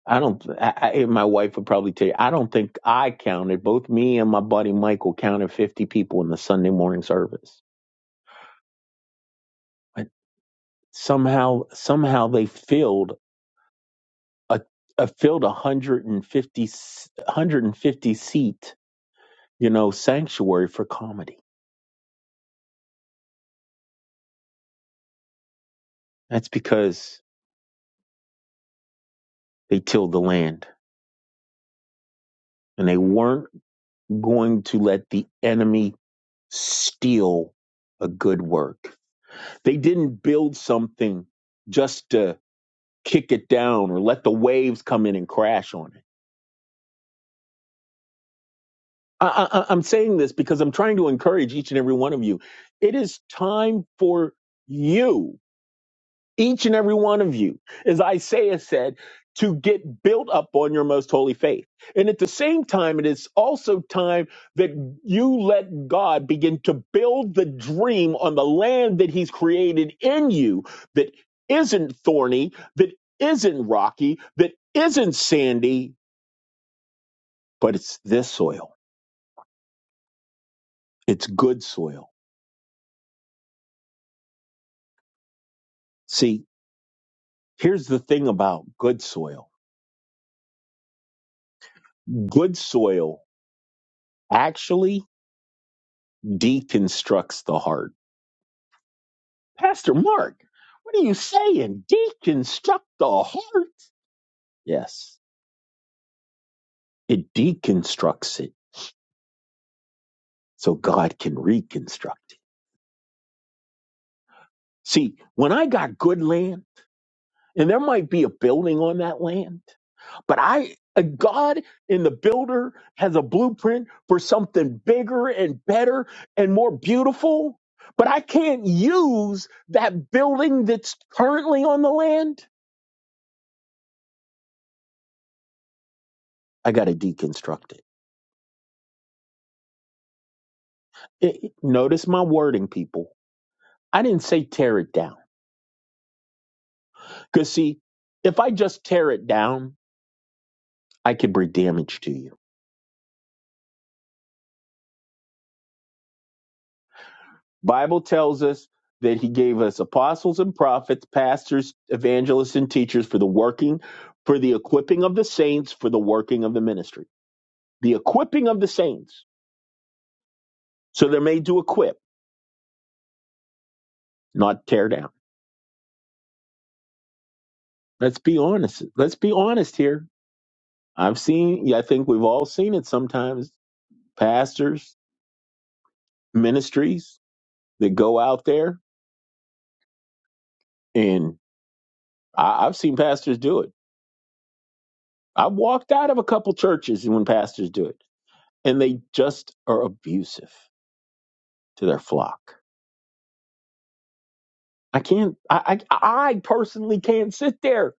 [SPEAKER 2] I don't. I, I, my wife would probably tell you. I don't think I counted. Both me and my buddy Michael counted fifty people in the Sunday morning service. But somehow, somehow they filled a, a filled a hundred and fifty hundred and fifty seat, you know, sanctuary for comedy. That's because they tilled the land and they weren't going to let the enemy steal a good work. They didn't build something just to kick it down or let the waves come in and crash on it. I, I, I- am saying this because I'm trying to encourage each and every one of you. It is time for you, each and every one of you, as Isaiah said, to get built up on your most holy faith. And at the same time, it is also time that you let God begin to build the dream on the land that He's created in you that isn't thorny, that isn't rocky, that isn't sandy, but it's this soil. It's good soil. See, here's the thing about good soil. Good soil actually deconstructs the heart. Pastor Mark, what are you saying? Deconstruct the heart? Yes, it deconstructs it so God can reconstruct it. See, when I got good land, and there might be a building on that land, But I, a God in the builder has a blueprint for something bigger and better and more beautiful. But I can't use that building that's currently on the land. I got to deconstruct it. It- it- Notice my wording, people. I didn't say tear it down. Because, see, if I just tear it down, I could bring damage to you. Bible tells us that he gave us apostles and prophets, pastors, evangelists and teachers for the working for the equipping of the saints for the working of the ministry. The equipping of the saints. So they're made to equip, not tear down. Let's be honest. Let's be honest here. I've seen yeah, I think we've all seen it sometimes pastors, ministries that go out there and I, I've seen pastors do it. I've walked out of a couple churches when pastors do it and they just are abusive to their flock. I can't. I, I I personally can't sit there.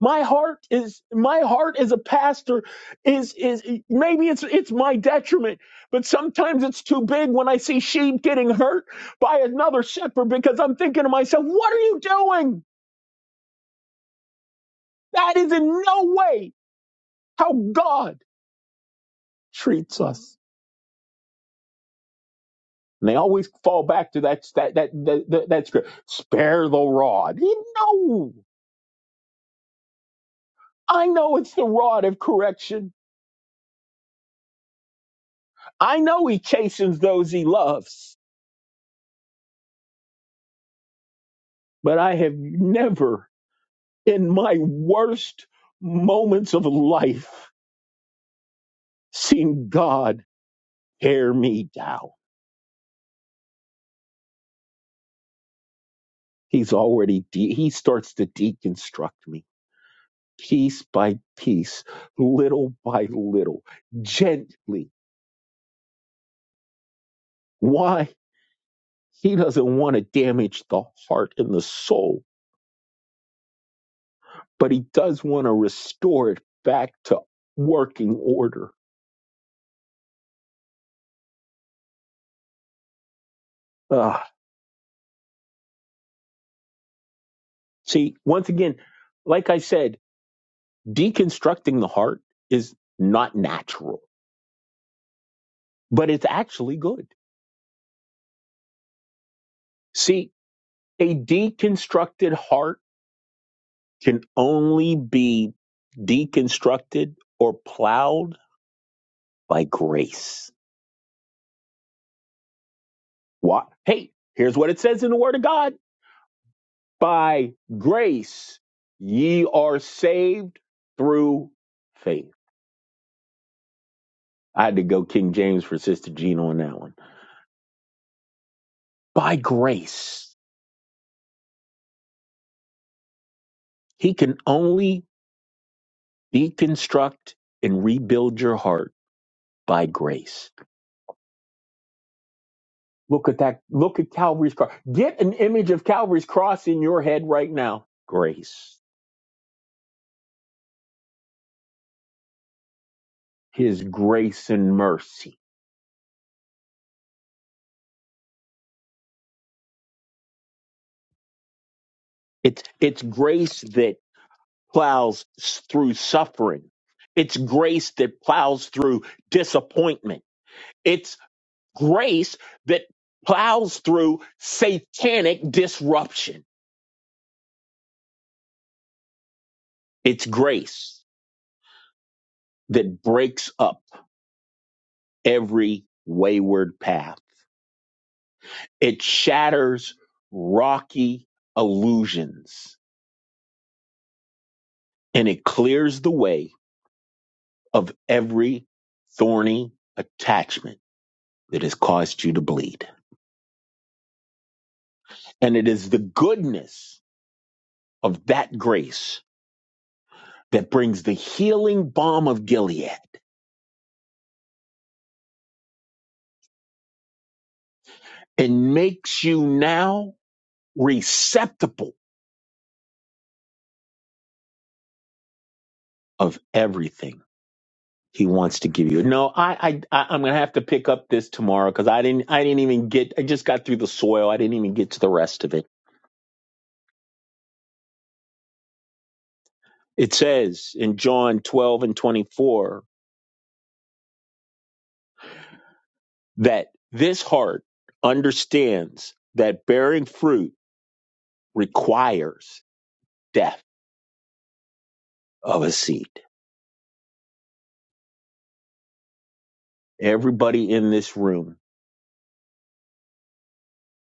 [SPEAKER 2] My heart is my heart as a pastor is is maybe it's it's my detriment, but sometimes it's too big when I see sheep getting hurt by another shepherd because I'm thinking to myself, what are you doing? That is in no way how God treats us. And they always fall back to that that that that, that, that script. Spare the rod. No, I know it's the rod of correction I know he chastens those he loves, but I have never in my worst moments of life seen God tear me down. He's already, de- he starts to deconstruct me piece by piece, little by little, gently. Why? He doesn't want to damage the heart and the soul, but he does want to restore it back to working order. Ah, See, once again, like I said, deconstructing the heart is not natural, but it's actually good. See, a deconstructed heart can only be deconstructed or plowed by grace. What? Hey, here's what it says in the Word of God By grace, ye are saved through faith. I had to go King James for Sister Gina on that one. By grace. He can only deconstruct and rebuild your heart by grace. Look at that. Look at Calvary's cross. Get an image of Calvary's cross in your head right now. Grace. His grace and mercy. It's, it's grace that plows s- through suffering. It's grace that plows through disappointment. It's grace that plows through satanic disruption. It's grace that breaks up every wayward path. It shatters rocky illusions and it clears the way of every thorny attachment that has caused you to bleed. And it is the goodness of that grace that brings the healing balm of Gilead and makes you now receptacle of everything he wants to give you. No, I, I, I I'm gonna have to pick up this tomorrow because I didn't, I didn't even get. I just got through the soil. I didn't even get to the rest of it. It says in John 12 and 24 that this heart understands that bearing fruit requires death of a seed. Everybody in this room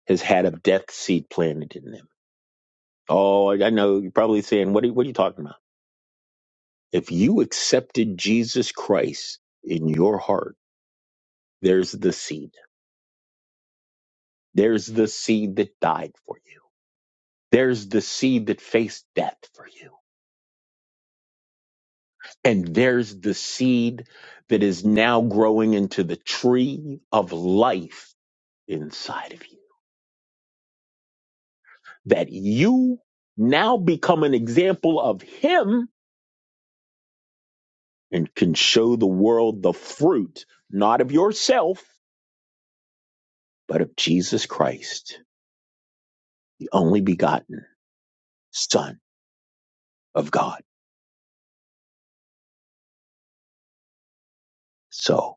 [SPEAKER 2] has had a death seed planted in them. Oh, I I know you're probably saying, what are, what are you talking about? If you accepted Jesus Christ in your heart There's the seed. There's the seed that died for you. There's the seed that faced death for you. And there's the seed that is now growing into the tree of life inside of you. That you now become an example of Him and can show the world the fruit, not of yourself, but of Jesus Christ, the only begotten Son of God. So.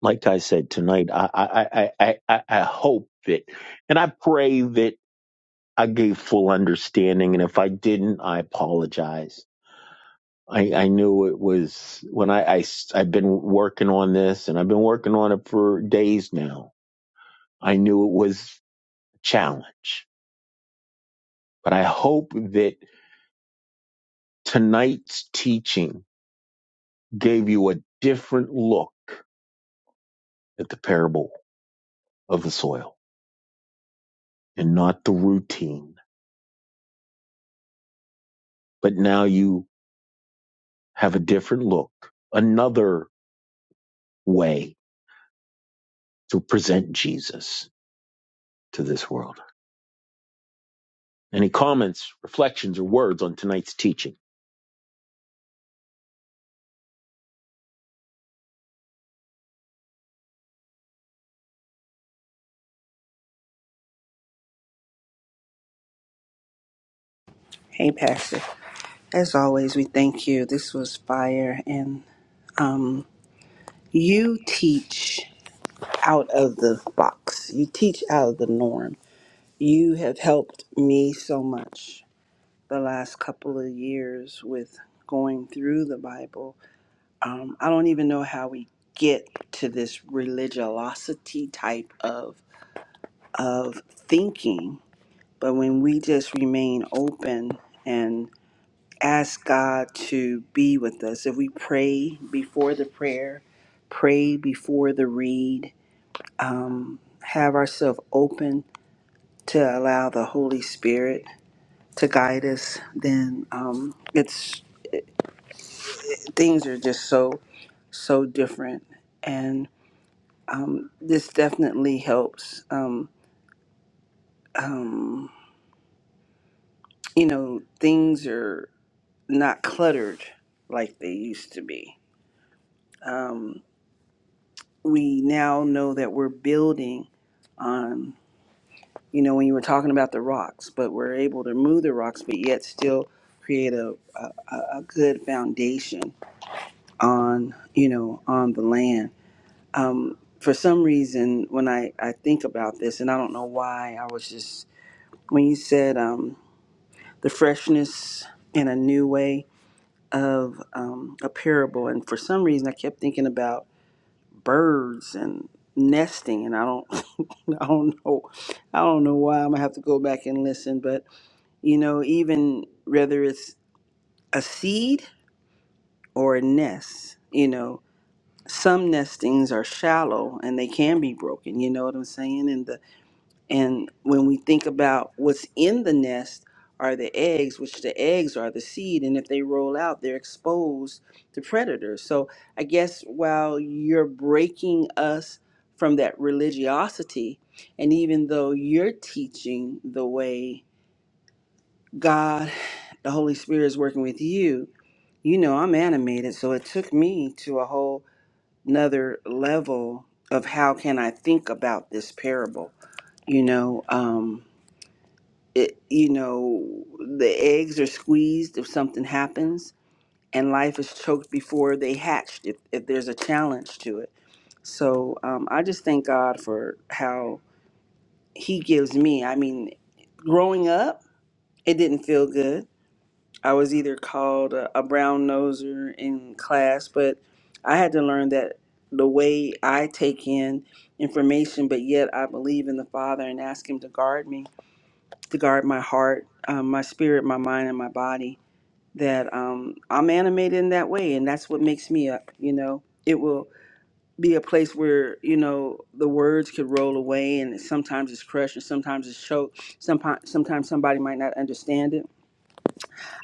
[SPEAKER 2] like I said tonight, I I I I, I I hope that, and I pray that I gave full understanding. And if I didn't, I apologize. I, I knew it was when I, I have been working on this, and I've been working on it for days now. I knew it was a challenge, but I hope that tonight's teaching gave you a different look at the parable of the soil and not the routine. But now you have a different look, another way to present Jesus to this world. Any comments, reflections, or words on tonight's teaching?
[SPEAKER 4] Hey, Pastor. As always, we thank you. This was fire, and um, you teach out of the box. You teach out of the norm. You have helped me so much the last couple of years with going through the Bible. Um, I don't even know how we get to this religiosity type of of thinking, but when we just remain open ask God to be with us. If we pray before the prayer, pray before the read, um, have ourselves open to allow the Holy Spirit to guide us, then um, it's things are just so so different, and um, this definitely helps. Um, um, you know, things are not cluttered like they used to be. Um, we now know that we're building on, you know, when you were talking about the rocks, but we're able to move the rocks, but yet still create a, a, a good foundation on, you know, on the land. Um, for some reason, when I, I think about this, and I don't know why, I was just, when you said um, the freshness in a new way of um, a parable, and for some reason, I kept thinking about birds and nesting and I don't I don't know. I don't know why. I'm gonna have to go back and listen. But you know, even whether it's a seed or a nest, you know, some nestings are shallow and they can be broken. You know what I'm saying? And the and when we think about what's in the nest are the eggs, which the eggs are the seed, and if they roll out, they're exposed to predators. So I guess while you're breaking us from that religiosity, and even though you're teaching the way God, the Holy Spirit is working with you, you know I'm animated. So it took me to a whole another level of how can I think about this parable, you know. Um, it, you know, the eggs are squeezed if something happens, and life is choked before they hatched if, if there's a challenge to it. So um, I just thank God for how He gives me. I mean, growing up, it didn't feel good. I was either called a, a brown noser in class, but I had to learn that the way I take in information, but yet I believe in the Father and ask Him to guard me to guard my heart, um, my spirit, my mind, and my body. That um, I'm animated in that way, and that's what makes me up. You know, it will be a place where you know the words could roll away, and sometimes it's crushed, and sometimes it's choked. Sometimes, sometimes somebody might not understand it.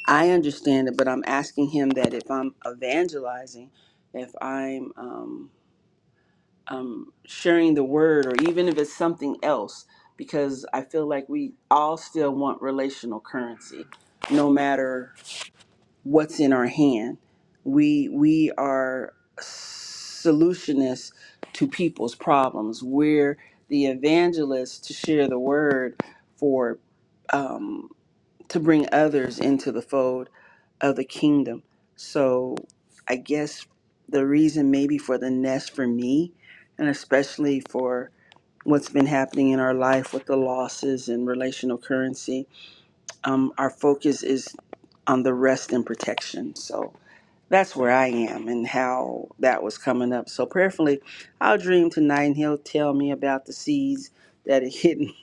[SPEAKER 4] I understand it, but I'm asking him that if I'm evangelizing, if I'm um, um, sharing the word or even if it's something else because i feel like we all still want relational currency no matter what's in our hand we we are solutionists to people's problems we're the evangelists to share the word for um, to bring others into the fold of the kingdom. So I guess the reason maybe for the nest for me, and especially for what's been happening in our life with the losses and relational currency, um, our focus is on the rest and protection. So that's where I am and how that was coming up. So prayerfully, I'll dream tonight and he'll tell me about the seeds that are hidden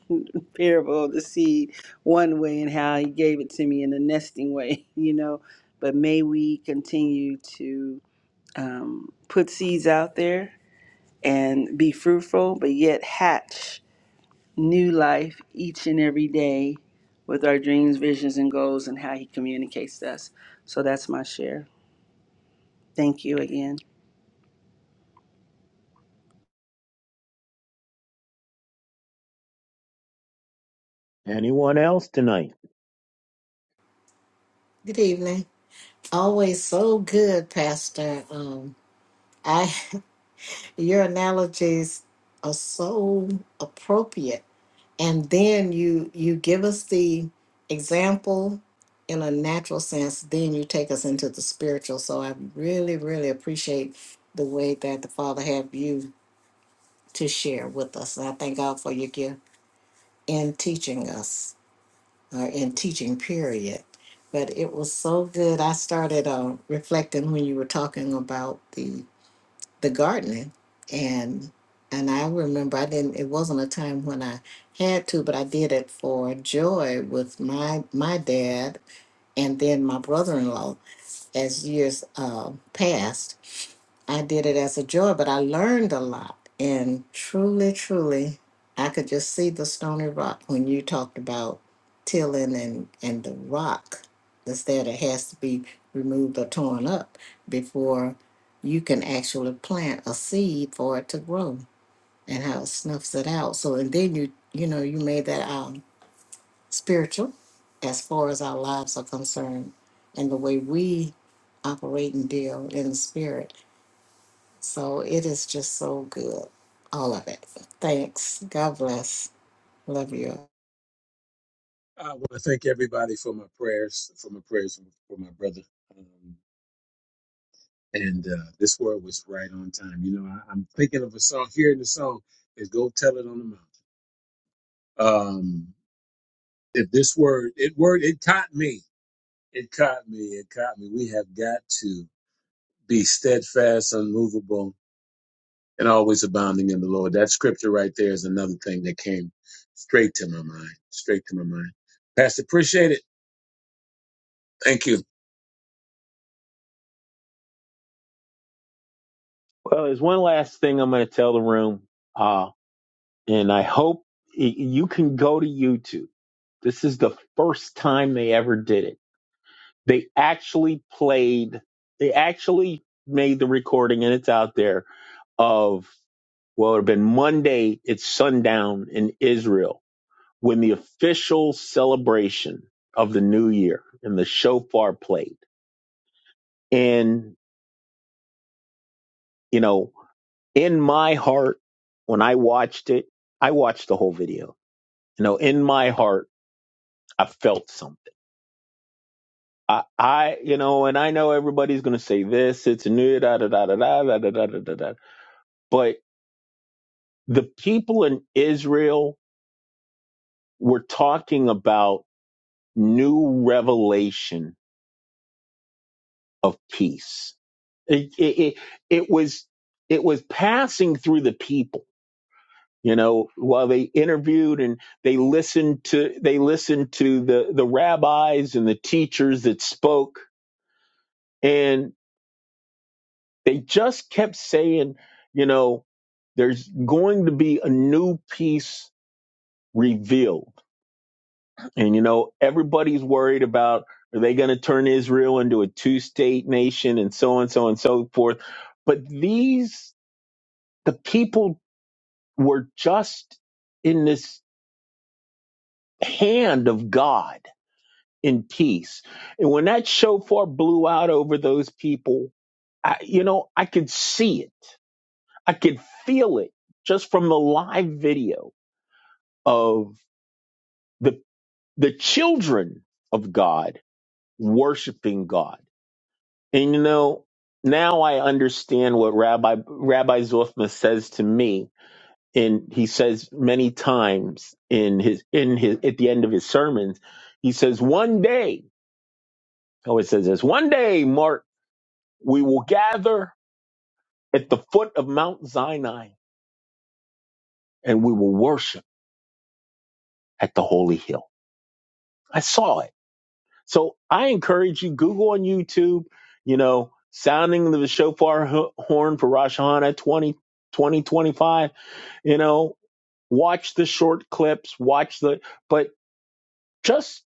[SPEAKER 4] parable of the seed one way and how he gave it to me in the nesting way, you know. But may we continue to um, put seeds out there and be fruitful, but yet hatch new life each and every day with our dreams, visions, and goals and how he communicates to us. So that's my share. Thank you again.
[SPEAKER 2] Anyone else tonight?
[SPEAKER 1] Good evening. Always so good, Pastor. Um, I your analogies are so appropriate and then you you give us the example in a natural sense then you take us into the spiritual so i really really appreciate the way that the father have you to share with us and i thank god for your gift in teaching us or in teaching period but it was so good i started uh, reflecting when you were talking about the the gardening and and I remember I didn't it wasn't a time when I had to but I did it for joy with my my dad and then my brother-in-law as years uh, passed I did it as a joy, but I learned a lot. And truly, truly, I could just see the stony rock when you talked about tilling and, and the rock that's there that has to be removed or torn up before you can actually plant a seed for it to grow and how it snuffs it out. So, and then you, you know, you made that um, spiritual as far as our lives are concerned and the way we operate and deal in the spirit so it is just so good, all of it. Thanks. God bless. Love you.
[SPEAKER 5] I want to thank everybody for my prayers, for my prayers for my brother. Um, and uh, this word was right on time. You know, I, I'm thinking of a song, hearing the song is "Go Tell It on the Mountain." Um, if this word, it word, it caught me. It caught me. It caught me. We have got to be steadfast, unmovable, and always abounding in the Lord. That scripture right there is another thing that came straight to my mind. Straight to my mind. Pastor, appreciate it. Thank you.
[SPEAKER 2] Well, there's one last thing I'm going to tell the room, uh, and I hope y- you can go to YouTube. This is the first time they ever did it. They actually played, they actually made the recording, and it's out there of, well, it would have been Monday, it's sundown in Israel When the official celebration of the new year and the shofar played, and you know, in my heart, when I watched it, I watched the whole video. You know, in my heart, I felt something. I, I, you know, and I know everybody's going to say this. It's new, da da da da da da da da da da. da. But the people in Israel were talking about new revelation of peace it, it, it was it was passing through the people you know while they interviewed and they listened to they listened to the the rabbis and the teachers that spoke and they just kept saying you know there's going to be a new piece revealed and you know everybody's worried about are they going to turn Israel into a two state nation and so on so on so forth but these the people were just in this hand of God in peace. And when that shofar blew out over those people, I, you know, I could see it. I could feel it just from the live video of the the children of God worshiping God. And you know, now I understand what Rabbi Rabbi Zoffman says to me and he says many times in his in his at the end of his sermons he says one day oh it says this one day mark we will gather at the foot of mount sinai and we will worship at the holy hill i saw it so i encourage you google on youtube you know sounding the shofar ho- horn for rosh hashanah 20 2025. you know watch the short clips watch the but just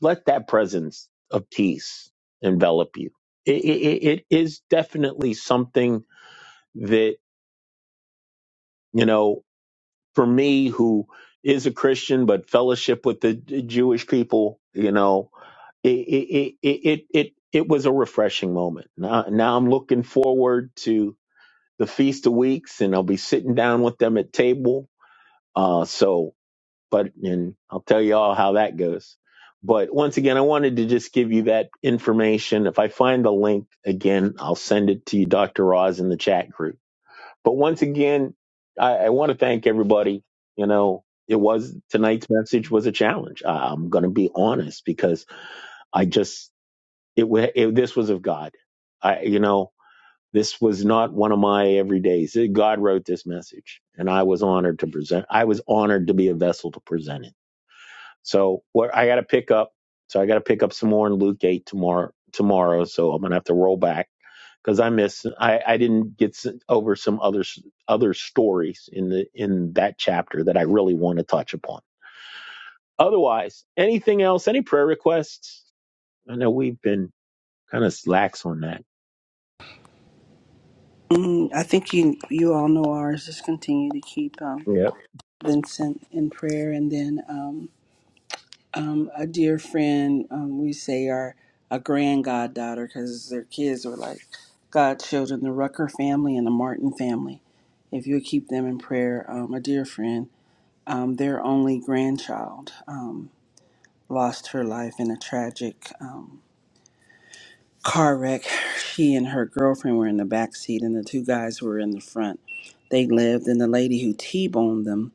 [SPEAKER 2] let that presence of peace envelop you. It, it, it is definitely something that, you know, for me, who is a Christian, but fellowship with the Jewish people, you know, it, it, it, it, it, it was a refreshing moment. Now, now I'm looking forward to the Feast of Weeks and I'll be sitting down with them at table. Uh, so but and I'll tell you all how that goes. But once again, I wanted to just give you that information. If I find the link again, I'll send it to you, Dr. Roz, in the chat group. But once again, I, I want to thank everybody. You know, it was tonight's message was a challenge. I, I'm going to be honest because I just it, wa- it this was of God. I you know this was not one of my everydays. God wrote this message, and I was honored to present. I was honored to be a vessel to present it so where I got to pick up, so I got to pick up some more in Luke eight tomorrow. Tomorrow, so I'm gonna have to roll back because I miss. I I didn't get s- over some other s- other stories in the in that chapter that I really want to touch upon. Otherwise, anything else? Any prayer requests? I know we've been kind of slacks on that.
[SPEAKER 4] Mm, I think you you all know ours. Just continue to keep um,
[SPEAKER 2] Yeah.
[SPEAKER 4] Vincent in prayer, and then um, um, a dear friend um, we say our a grand goddaughter because their kids were like godchildren, the Rucker family and the Martin family. If you would keep them in prayer, um, a dear friend, um, their only grandchild um, lost her life in a tragic. um, car wreck. She and her girlfriend were in the back seat, and the two guys were in the front. They lived, and the lady who T-boned them,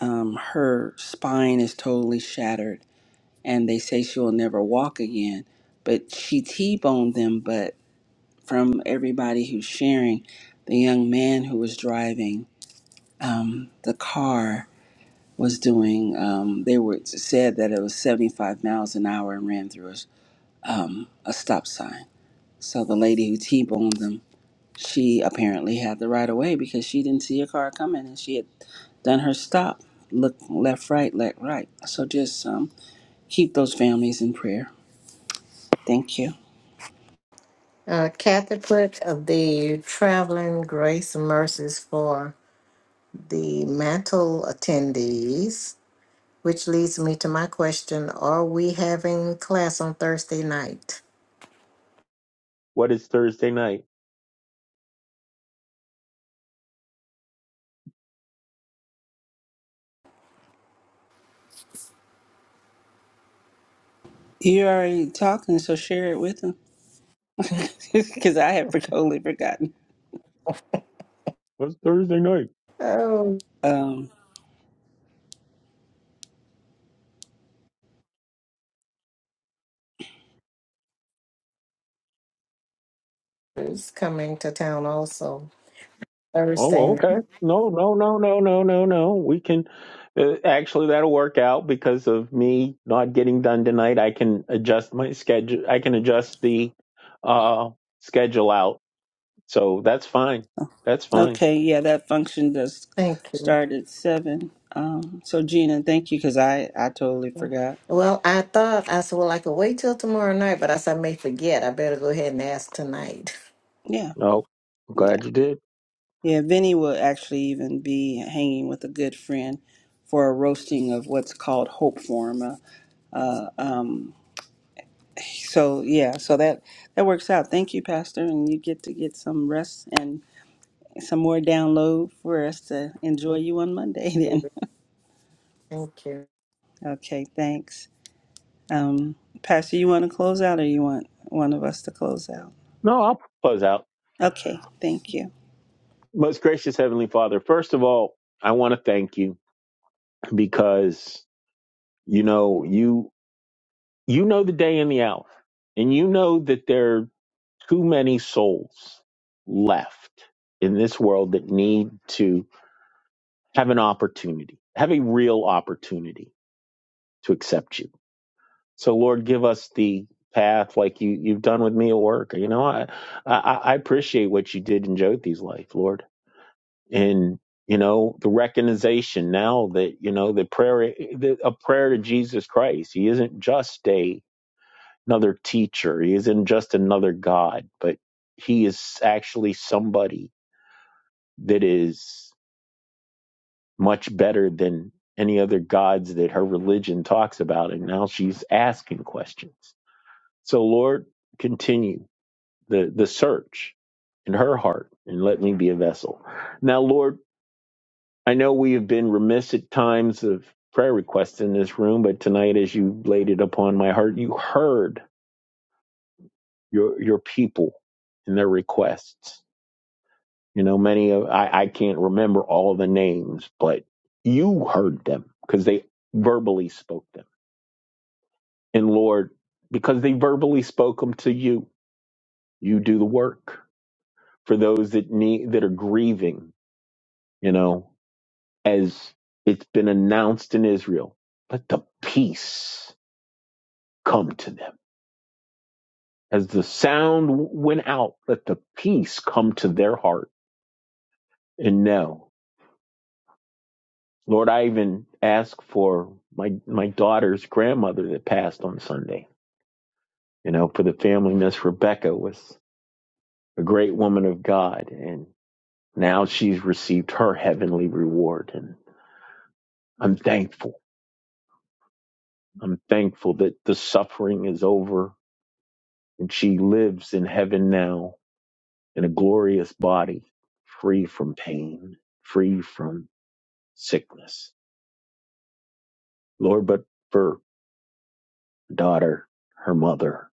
[SPEAKER 4] um, her spine is totally shattered, and they say she will never walk again. But she T-boned them. But from everybody who's sharing, the young man who was driving um, the car was doing. Um, they were said that it was 75 miles an hour and ran through a, a stop sign. So the lady who T-boned them She apparently had the right of way because she didn't see a car coming and she had done her stop. Look left, right, left, right. So just um, keep those families in prayer. Thank you.
[SPEAKER 1] Uh, Kathy put of the traveling grace and mercies for the mantle attendees, which leads me to my question: Are we having class on Thursday night?
[SPEAKER 2] What is Thursday night?
[SPEAKER 4] You're already talking, so share it with them because I have totally forgotten.
[SPEAKER 2] What's Thursday night?
[SPEAKER 1] Oh,
[SPEAKER 4] Um,
[SPEAKER 1] it's coming to town also Thursday
[SPEAKER 2] Oh,
[SPEAKER 1] night.
[SPEAKER 2] okay. No, no, no, no, no, no, no. We can uh, actually that'll work out because of me not getting done tonight. I can adjust my schedule. I can adjust the uh schedule out. So that's fine. That's fine.
[SPEAKER 4] okay, yeah, that function does
[SPEAKER 1] Thank you.
[SPEAKER 4] start at seven. Um, so Gina, thank you because I I totally forgot.
[SPEAKER 1] Well, I thought I said, well, I could wait till tomorrow night, but I said I may forget. I better go ahead and ask tonight.
[SPEAKER 4] Yeah.
[SPEAKER 2] No, I'm glad you did.
[SPEAKER 4] Yeah, Vinny will actually even be hanging with a good friend for a roasting of what's called Hope Forum. Uh, uh, um, so yeah, so that that works out. Thank you, Pastor, and you get to get some rest and some more download for us to enjoy you on Monday. Then,
[SPEAKER 1] Thank you.
[SPEAKER 4] okay, thanks, um, Pastor. You want to close out, or you want one of us to close out?
[SPEAKER 2] No, I'll close out.
[SPEAKER 4] Okay, thank you.
[SPEAKER 2] Most gracious Heavenly Father, first of all, I want to thank you because you know you you know the day and the hour, and you know that there. too many souls left in this world that need to have an opportunity, have a real opportunity to accept you. So Lord, give us the path like you, you've done with me at work. You know, I, I, I appreciate what you did in Jyoti's life, Lord. And, you know, the recognition now that, you know, the prayer, the, a prayer to Jesus Christ, he isn't just a, another teacher. He isn't just another God, but he is actually somebody that is much better than any other gods that her religion talks about. And now she's asking questions. So, Lord, continue the, the search in her heart and let me be a vessel. Now, Lord, I know we have been remiss at times of prayer requests in this room, but tonight, as you laid it upon my heart, you heard your, your people and their requests You know, many of I, I can't remember all the names, but you heard them because they verbally spoke them. And Lord, because they verbally spoke them to you, you do the work for those that need that are grieving. You know, as it's been announced in Israel, let the peace come to them. As the sound went out, let the peace come to their heart and know. Lord, I even ask for my my daughter's grandmother that passed on Sunday. You know, for the family, Miss Rebecca was a great woman of God, and now she's received her heavenly reward. And I'm thankful. I'm thankful that the suffering is over and she lives in heaven now in a glorious body, free from pain, free from sickness. Lord, but for daughter, her mother,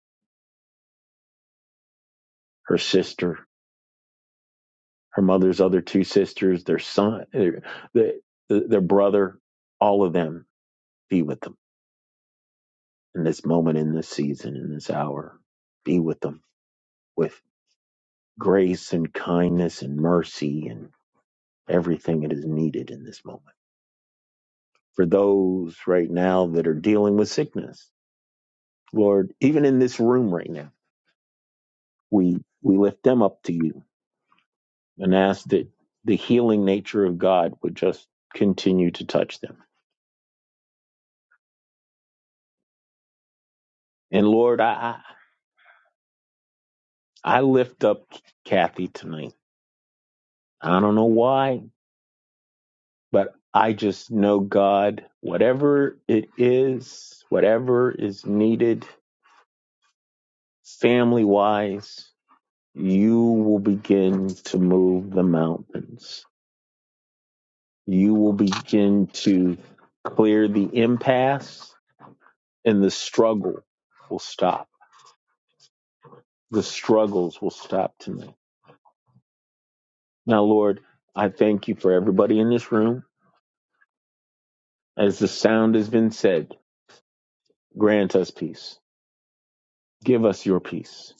[SPEAKER 2] her sister, her mother's other two sisters, their son, their, their brother, all of them, be with them in this moment, in this season, in this hour. Be with them with grace and kindness and mercy and everything that is needed in this moment. For those right now that are dealing with sickness, Lord, even in this room right now, we, we lift them up to you and ask that the healing nature of God would just continue to touch them. And Lord, I, I lift up Kathy tonight. I don't know why, but I just know God, whatever it is, whatever is needed family wise, you will begin to move the mountains. You will begin to clear the impasse and the struggle will stop. The struggles will stop tonight. Now, Lord, I thank you for everybody in this room. As the sound has been said, grant us peace Give us your peace,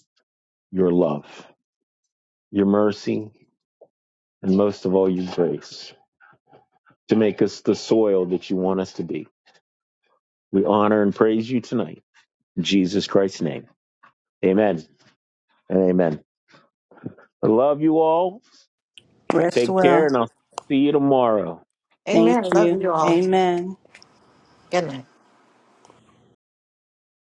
[SPEAKER 2] your love, your mercy, and most of all, your grace to make us the soil that you want us to be. We honor and praise you tonight. In Jesus Christ's name. Amen and amen. I love you all.
[SPEAKER 4] Rest
[SPEAKER 2] Take care, and
[SPEAKER 4] well.
[SPEAKER 2] I'll see you tomorrow.
[SPEAKER 1] Amen.
[SPEAKER 4] Thank
[SPEAKER 1] Love
[SPEAKER 4] you.
[SPEAKER 1] you all.
[SPEAKER 4] Amen.
[SPEAKER 1] Good night.